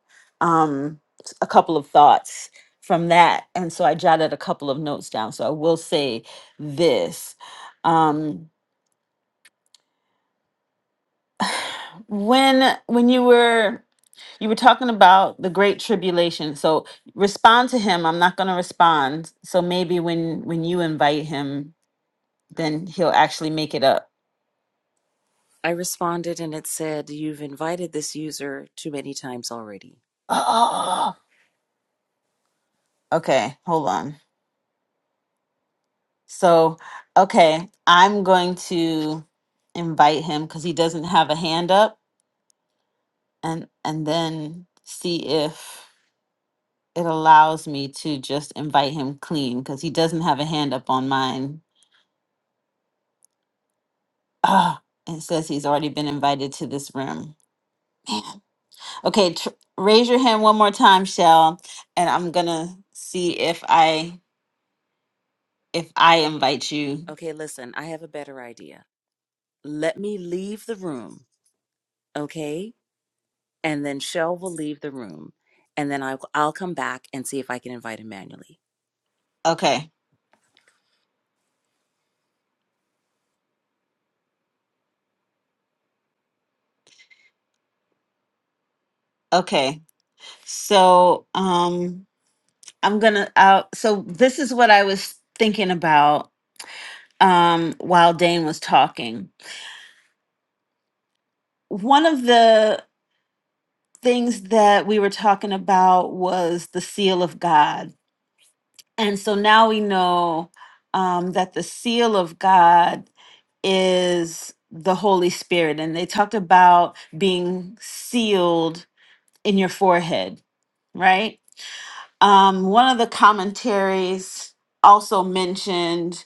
B: um, a couple of thoughts from that, and so I jotted a couple of notes down. So I will say this: um, when when you were You were talking about the great tribulation. So respond to him. I'm not going to respond. So maybe when when you invite him, then he'll actually make it up.
A: I responded and it said, "You've invited this user too many times already."
B: (gasps) Oh, okay, hold on. So, okay, I'm going to invite him cuz he doesn't have a hand up and and then see if it allows me to just invite him clean cuz he doesn't have a hand up on mine. (sighs) Ah, it says he's already been invited to this room. Okay, tr- raise your hand one more time, Shell, and I'm gonna see if I if I invite you.
A: Okay, listen, I have a better idea. Let me leave the room, okay? And then Shell will leave the room, and then I'll I'll come back and see if I can invite him manually.
B: Okay, okay. So um, I'm gonna out. So this is what I was thinking about um while Dane was talking. One of the things that we were talking about was the seal of God And so now we know um, that the seal of God is the Holy Spirit. And they talked about being sealed in your forehead, right? Um, one of the commentaries also mentioned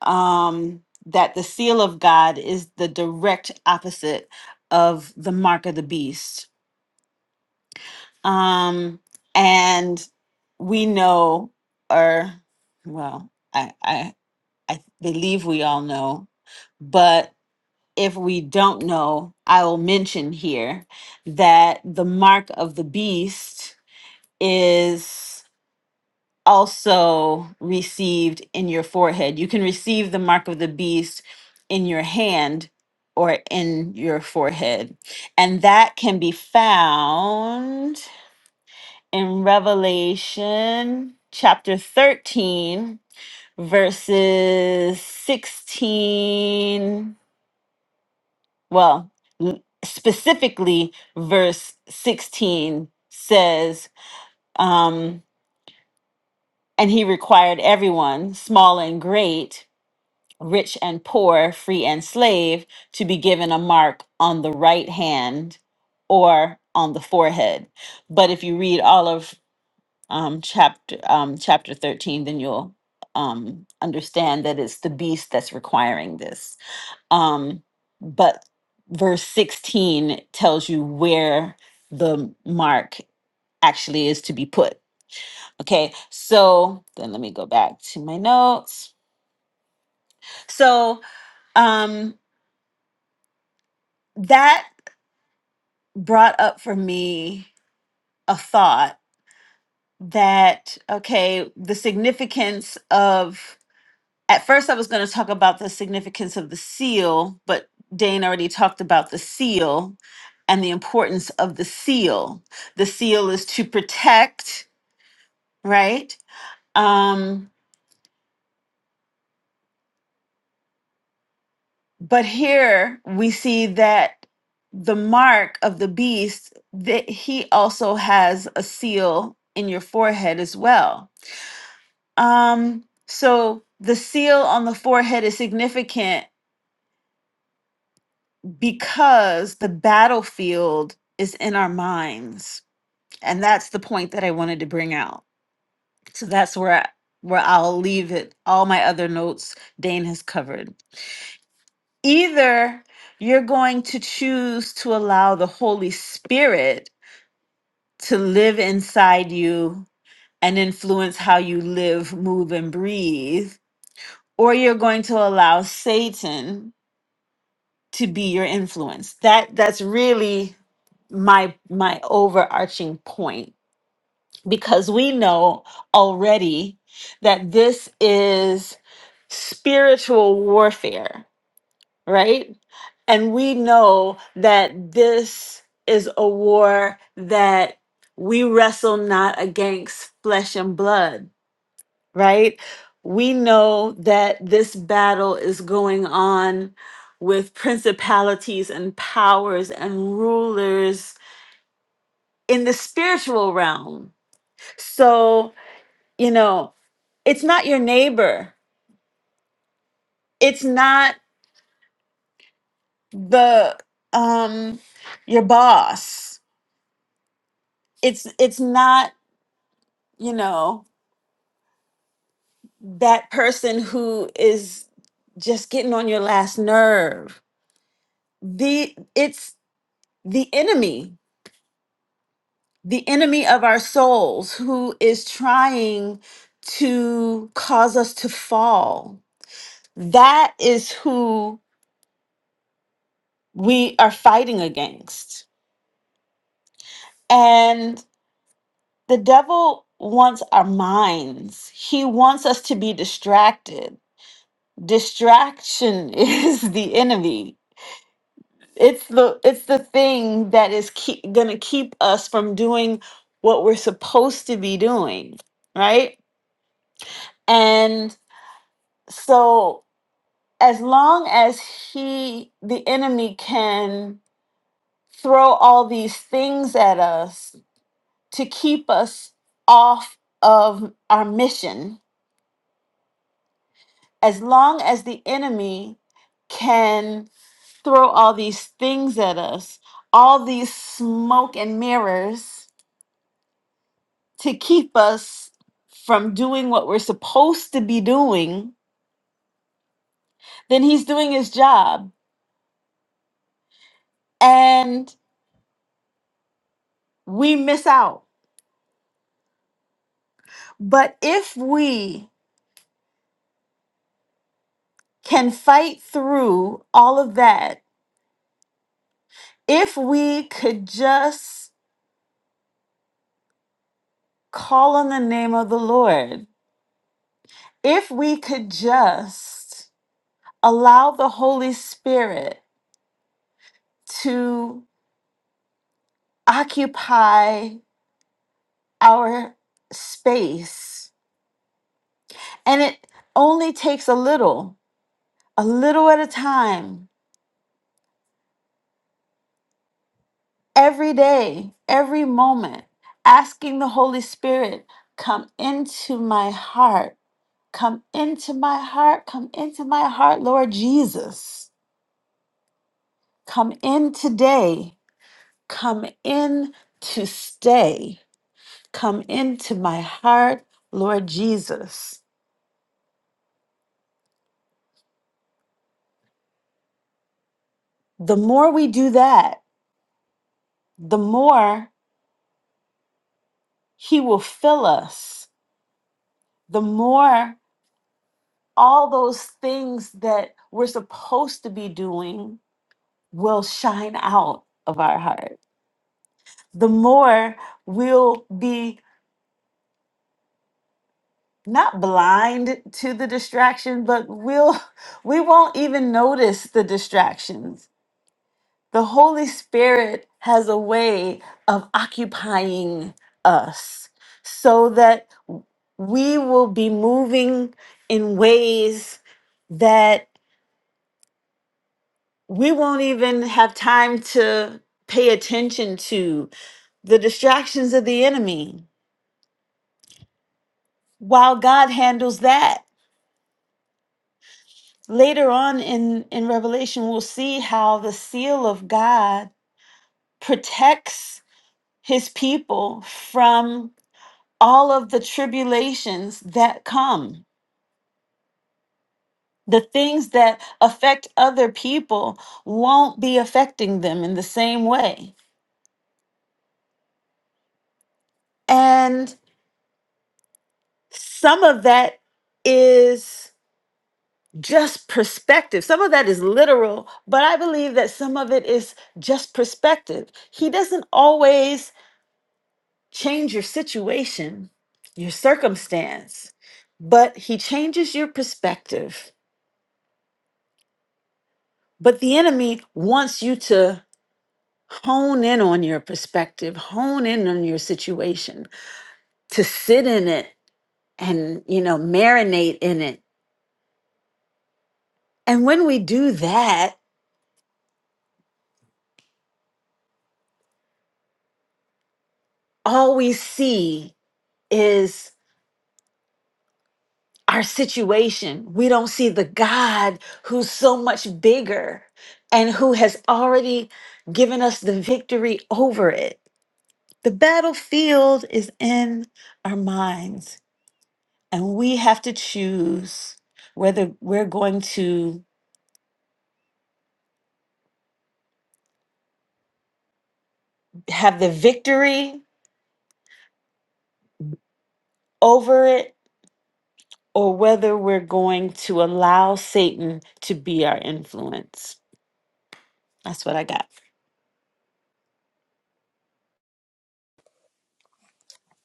B: um, that the seal of God is the direct opposite of the mark of the beast. Um, and we know, or, well, I, I I believe we all know. But if we don't know, I will mention here that the mark of the beast is also received in your forehead. You can receive the mark of the beast in your hand or in your forehead. And that can be found in Revelation chapter 13 verses 16 well l- specifically verse 16 says um and he required everyone small and great rich and poor free and slave to be given a mark on the right hand or on the forehead but if you read all of um, chapter um, chapter 13 then you'll um, understand that it's the beast that's requiring this Um, but verse 16 tells you where the mark actually is to be put. Okay, so then let me go back to my notes. So um, that brought up for me a thought that, okay, the significance of at first I was going to talk about the significance of the seal, but Dane already talked about the seal and the importance of the seal. The seal is to protect, right? Um, but here we see that the mark of the beast that he also has a seal in your forehead as well. Um, so the seal on the forehead is significant because the battlefield is in our minds and that's the point that i wanted to bring out so that's where I, where i'll leave it all my other notes dane has covered either you're going to choose to allow the holy spirit to live inside you and influence how you live move and breathe or you're going to allow satan to be your influence. That that's really my my overarching point because we know already that this is spiritual warfare, right? And we know that this is a war that we wrestle not against flesh and blood, right? We know that this battle is going on with principalities and powers and rulers in the spiritual realm. So, you know, it's not your neighbor. It's not the um your boss. It's it's not, you know, that person who is just getting on your last nerve. The it's the enemy the enemy of our souls who is trying to cause us to fall. That is who we are fighting against. And the devil wants our minds, he wants us to be distracted. Distraction (laughs) is the enemy. It's the it's the thing that is keep, gonna keep us from doing what we're supposed to be doing, right? And so as long as he the enemy can throw all these things at us to keep us off of our mission as long as the enemy can throw all these things at us all these smoke and mirrors to keep us from doing what we're supposed to be doing then he's doing his job and we miss out but if we can fight through all of that if we could just call on the name of the Lord, if we could just allow the Holy Spirit to occupy our space. And it only takes a little, a little at a time, every day, every moment, asking the Holy Spirit, come into my heart Come into my heart. Come into my heart, Lord Jesus. Come in today. Come in to stay. Come into my heart, Lord Jesus. The more we do that, the more He will fill us. The more all those things that we're supposed to be doing will shine out of our heart. The more we'll be not blind to the distraction, but we'll (laughs) we won't even notice the distractions. The Holy Spirit has a way of occupying us so that we will be moving in ways that we won't even have time to pay attention to the distractions of the enemy while God handles that Later on in, in Revelation, we'll see how the seal of God protects his people from all of the tribulations that come. The things that affect other people won't be affecting them in the same way. And some of that is just perspective. Some of that is literal, but I believe that some of it is just perspective. He doesn't always change your situation, your circumstance, but he changes your perspective. But the enemy wants you to hone in on your perspective, hone in on your situation, to sit in it and, you know, marinate in it. And when we do that, all we see is our situation. We don't see the God who's so much bigger and who has already given us the victory over it. The battlefield is in our minds, and we have to choose whether we're going to have the victory over it or whether we're going to allow Satan to be our influence. That's what I got.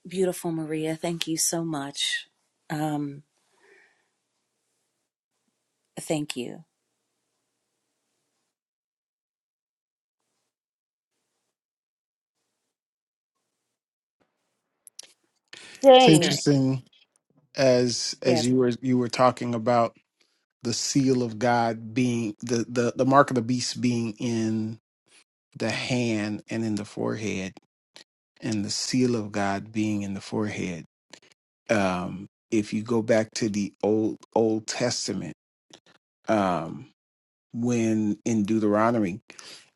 A: Beautiful Maria, thank you so much. Um, thank you.
D: It's
A: Is
B: Dang.
A: there?
D: interesting as
A: Yes.
D: as you were you were talking about the seal of God being the the the mark of the beast being in the hand and in the forehead and the seal of God being in the forehead. Um if you go back to the old Old Testament um when in Deuteronomy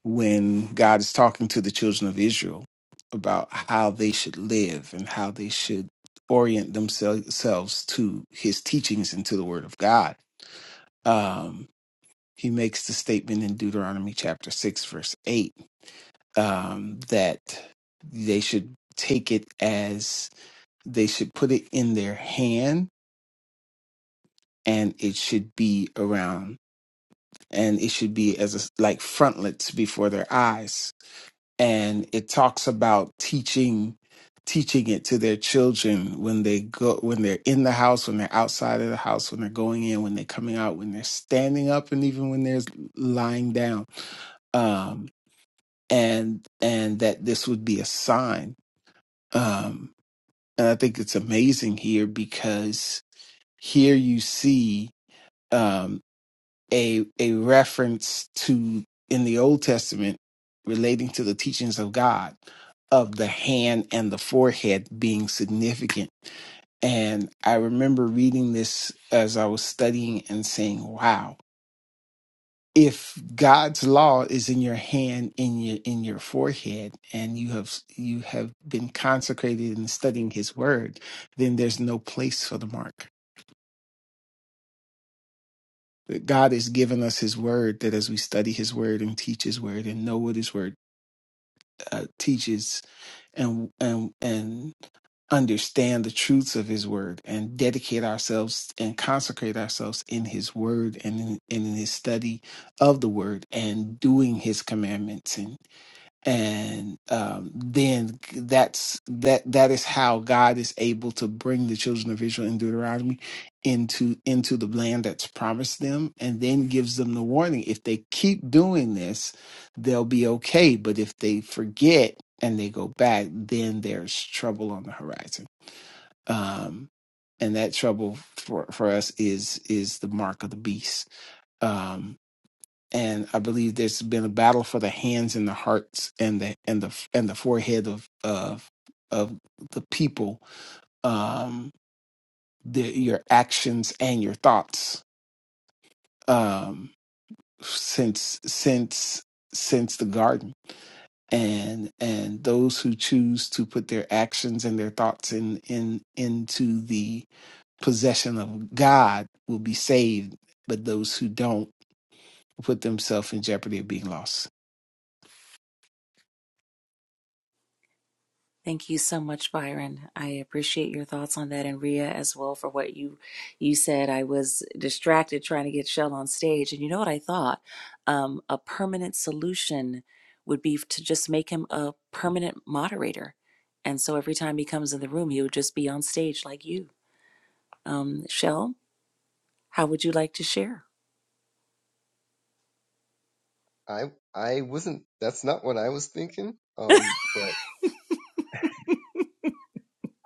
D: when God is talking to the children of Israel about how they should live and how they should orient themselves to his teachings and to the word of God um, he makes the statement in Deuteronomy chapter 6, verse 8, um, that they should take it as they should put it in their hand and it should be around and it should be as a, like frontlets before their eyes. And it talks about teaching teaching it to their children when they go when they're in the house when they're outside of the house when they're going in when they're coming out when they're standing up and even when they're lying down Um, and and that this would be a sign. Um, and I think it's amazing here because here you see um, a a reference to in the Old Testament relating to the teachings of God of the hand and the forehead being significant. And I remember reading this as I was studying and saying, "Wow." if God's law is in your hand in your in your forehead and you have you have been consecrated in studying his word then there's no place for the mark God has given us his word that as we study his word and teach his word and know what his word uh, teaches and and and understand the truths of his word and dedicate ourselves and consecrate ourselves in his word and in, and in his study of the word and doing his commandments and. and um, then that's that that is how God is able to bring the children of Israel in Deuteronomy into into the land that's promised them, and then gives them the warning: if they keep doing this, they'll be okay. But if they forget and they go back, then there's trouble on the horizon. Um, and that trouble for for us is is the mark of the beast. Um, and I believe there's been a battle for the hands and the hearts and the and the and the forehead of of of the people, um, the, your actions and your thoughts um, since since since the garden, and and those who choose to put their actions and their thoughts in in into the possession of God will be saved, but those who don't put themselves in jeopardy of being lost.
A: Thank you so much, Byron. I appreciate your thoughts on that, and Ria as well for what you you said. I was distracted trying to get Shell on stage, and you know what I thought? Um, a permanent solution would be to just make him a permanent moderator, and so every time he comes in the room, he would just be on stage like you. Um, Shell, how would you like to share?
E: I I wasn't. That's not what I was thinking. Um, but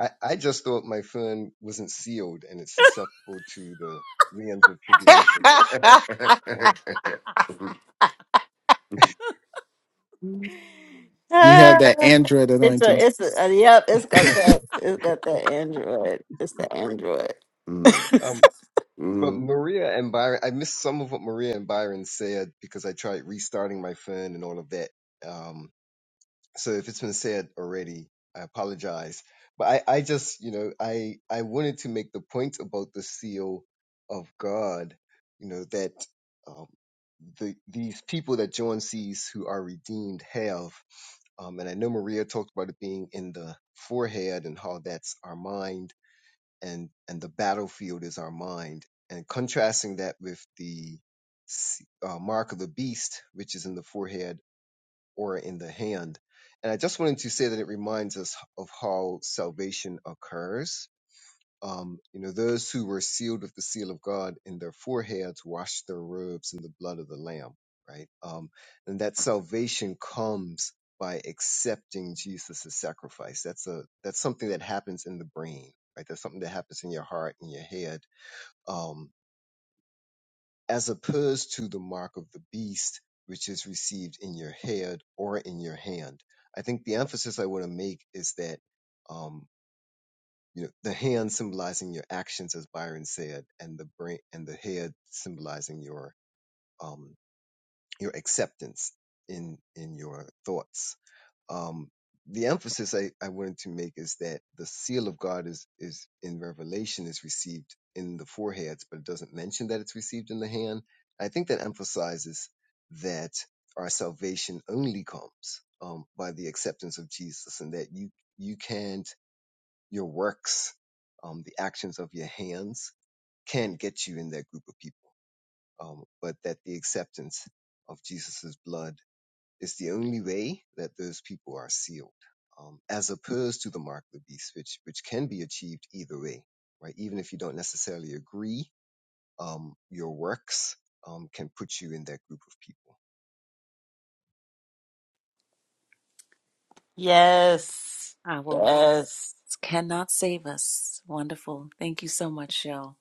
E: I I just thought my fund wasn't sealed and it's susceptible to the winds of tribulation. Um,
B: (laughs)
D: You have
B: Ah,
D: that Android
B: It's
D: anointing.
B: a, it's a, uh, yep, it's got that, it's got that Android. It's the Android.
E: (laughs)
B: (laughs)
E: um,
B: Mm, mm.
E: but Maria and Byron, I missed some of what Maria and Byron said because I tried restarting my fund and all of that. Um, so if it's been said already i apologize but i i just you know i i wanted to make the point about the seal of god you know that um the these people that john sees who are redeemed have um and i know maria talked about it being in the forehead and how that's our mind and and the battlefield is our mind and contrasting that with the s- uh, mark of the beast which is in the forehead or in the hand. And I just wanted to say that it reminds us of how salvation occurs. Um, you know, those who were sealed with the seal of God in their foreheads washed their robes in the blood of the Lamb, right? Um, and that salvation comes by accepting Jesus' sacrifice. That's a that's something that happens in the brain, right? That's something that happens in your heart and your head. Um, as opposed to the mark of the beast, which is received in your head or in your hand. I think the emphasis I want to make is that, um, you know, the hand symbolizing your actions, as Byron said, and the brain and the head symbolizing your um, your acceptance in in your thoughts um, the emphasis I, I wanted to make is that the seal of God is is in Revelation is received in the foreheads, but it doesn't mention that it's received in the hand. I think that emphasizes that our salvation only comes um, by the acceptance of Jesus, and that you you can't your works, um, the actions of your hands, can't get you in that group of people, um, but that the acceptance of Jesus's blood it's the only way that those people are sealed, um, as opposed to the mark of the beast, which which can be achieved either way, right? Even if you don't necessarily agree, um, your works um, can put you in that group of people.
B: Yes.
A: Our
B: Yes.
A: works cannot save us. Wonderful. Thank you so much, Shell.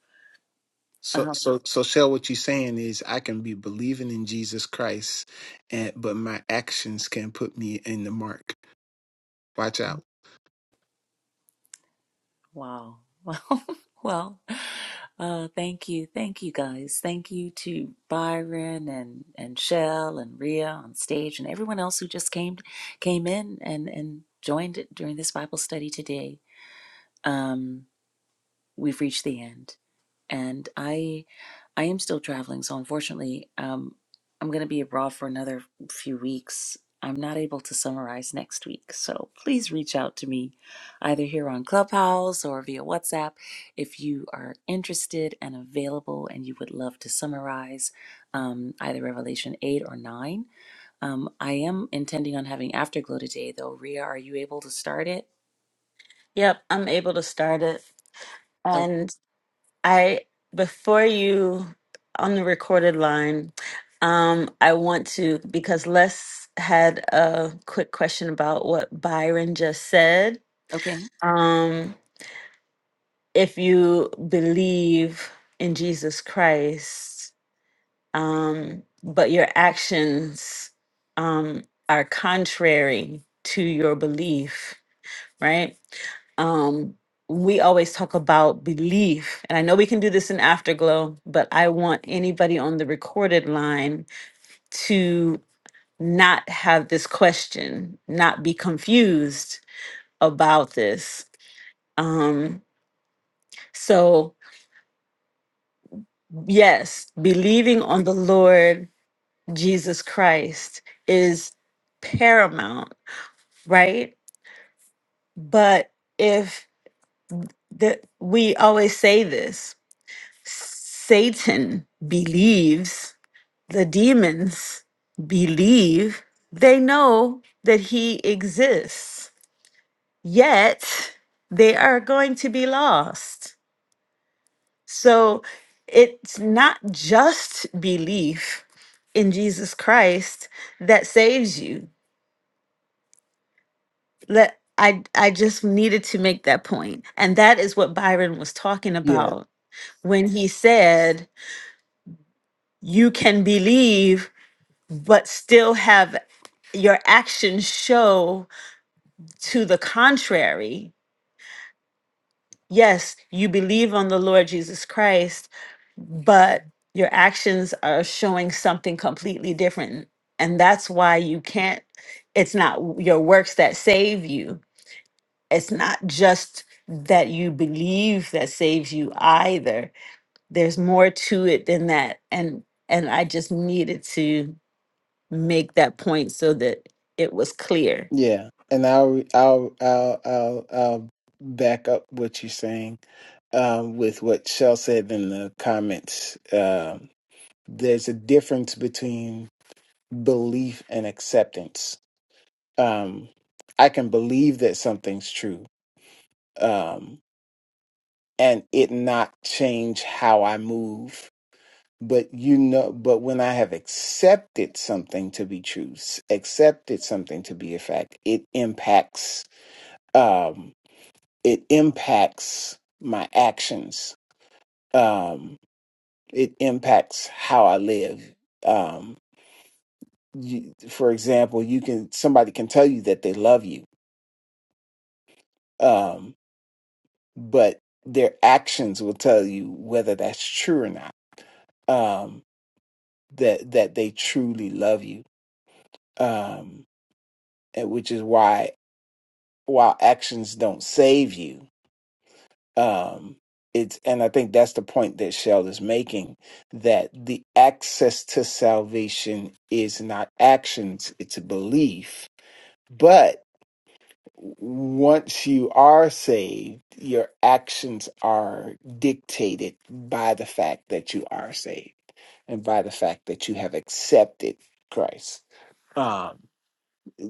D: So
A: Um,
D: so so Shell, what you're saying is I can be believing in Jesus Christ and but my actions can put me in the mark. Watch out.
A: Wow. Well, (laughs) well, uh, thank you. Thank you guys. Thank you to Byron and, and Shell and Rhea on stage and everyone else who just came came in and, and joined during this Bible study today. Um, we've reached the end and I I am still traveling, so unfortunately, um, I'm going to be abroad for another few weeks. I'm not able to summarize next week, so please reach out to me either here on Clubhouse or via WhatsApp if you are interested and available and you would love to summarize um, either Revelation 8 or 9. Um, I am intending on having Afterglow today, though. Ria, are you able to start it?
B: Yep, I'm able to start it.
A: O-
B: And I before you on the recorded line, um I want to because Les had a quick question about what Byron just said.
A: Okay,
B: Um if you believe in Jesus Christ, um but your actions um are contrary to your belief right? um, we always talk about belief. And I know we can do this in Afterglow, but I want anybody on the recorded line to not have this question, not be confused about this. Um, so, yes, believing on the Lord Jesus Christ is paramount, right? But if the, we always say this, Satan believes, the demons believe, they know that he exists, yet they are going to be lost. So it's not just belief in Jesus Christ that saves you. Let I I just needed to make that point. And that is what Byron was talking
D: Yeah,
B: about when he said you can believe but still have your actions show to the contrary. Yes, you believe on the Lord Jesus Christ, but your actions are showing something completely different. And that's why you can't, it's not w- your works that save you. It's not just that you believe that saves you either. There's more to it than that. And and I just needed to make that point so that it was clear.
D: yeah, and I'll I'll I'll I'll, I'll back up what you're saying um, with what Shell said in the comments. Um there's a difference between belief and acceptance. Um, I can believe that something's true, um, and it not change how I move but you know but when i have accepted something to be true accepted something to be a fact it impacts um it impacts my actions um it impacts how i live um you, for example you can somebody can tell you that they love you um but their actions will tell you whether that's true or not um that that they truly love you um and which is why while actions don't save you um it's and i think that's the point that shell is making that the access to salvation is not actions it's a belief but once you are saved your actions are dictated by the fact that you are saved and by the fact that you have accepted christ Um,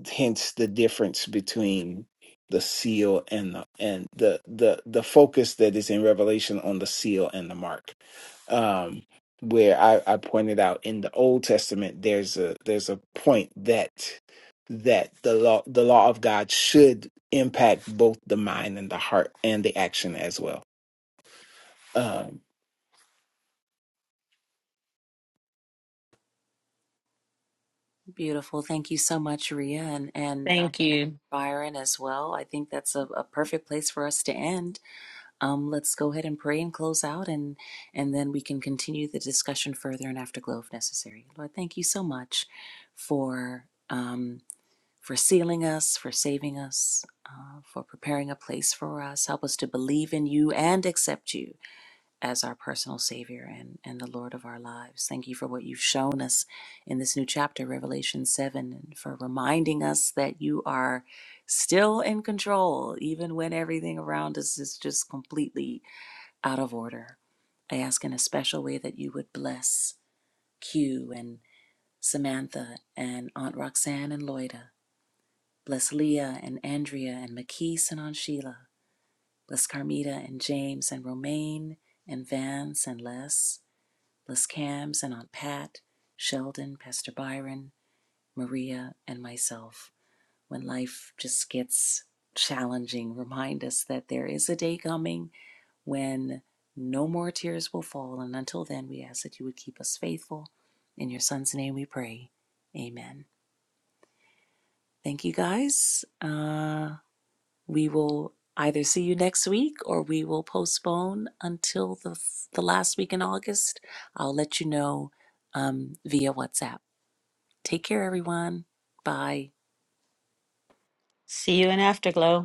D: hence the difference between the seal and the and the the the focus that is in revelation on the seal and the mark um where i i pointed out in the old testament there's a there's a point that that the law the law of god should impact both the mind and the heart and the action as well Um,
A: beautiful. Thank you so much, Ria, and, and
B: Thank you.
A: Byron as well. I think that's a, a perfect place for us to end. Um, let's go ahead and pray and close out, and and then we can continue the discussion further in afterglow if necessary. Lord, thank you so much for um, for sealing us, for saving us, uh, for preparing a place for us. Help us to believe in you and accept you as our personal Savior and, and the Lord of our lives. Thank you for what you've shown us in this new chapter, Revelation 7, and for reminding us that you are still in control, even when everything around us is just completely out of order. I ask in a special way that you would bless Q and Samantha and Aunt Roxanne and Loida. Bless Leah and Andrea and McKees and Aunt Sheila. Bless Carmita and James and Romaine and Vance and Les. Les Cams and Aunt Pat, Sheldon, Pastor Byron, Maria, and myself. When life just gets challenging, remind us that there is a day coming when no more tears will fall. And until then, we ask that you would keep us faithful. In your son's name we pray. Amen. Thank you guys. Uh, we will either see you next week or we will postpone until the, the last week in August. I'll let you know um, via WhatsApp. Take care, everyone. Bye.
B: See you in Afterglow.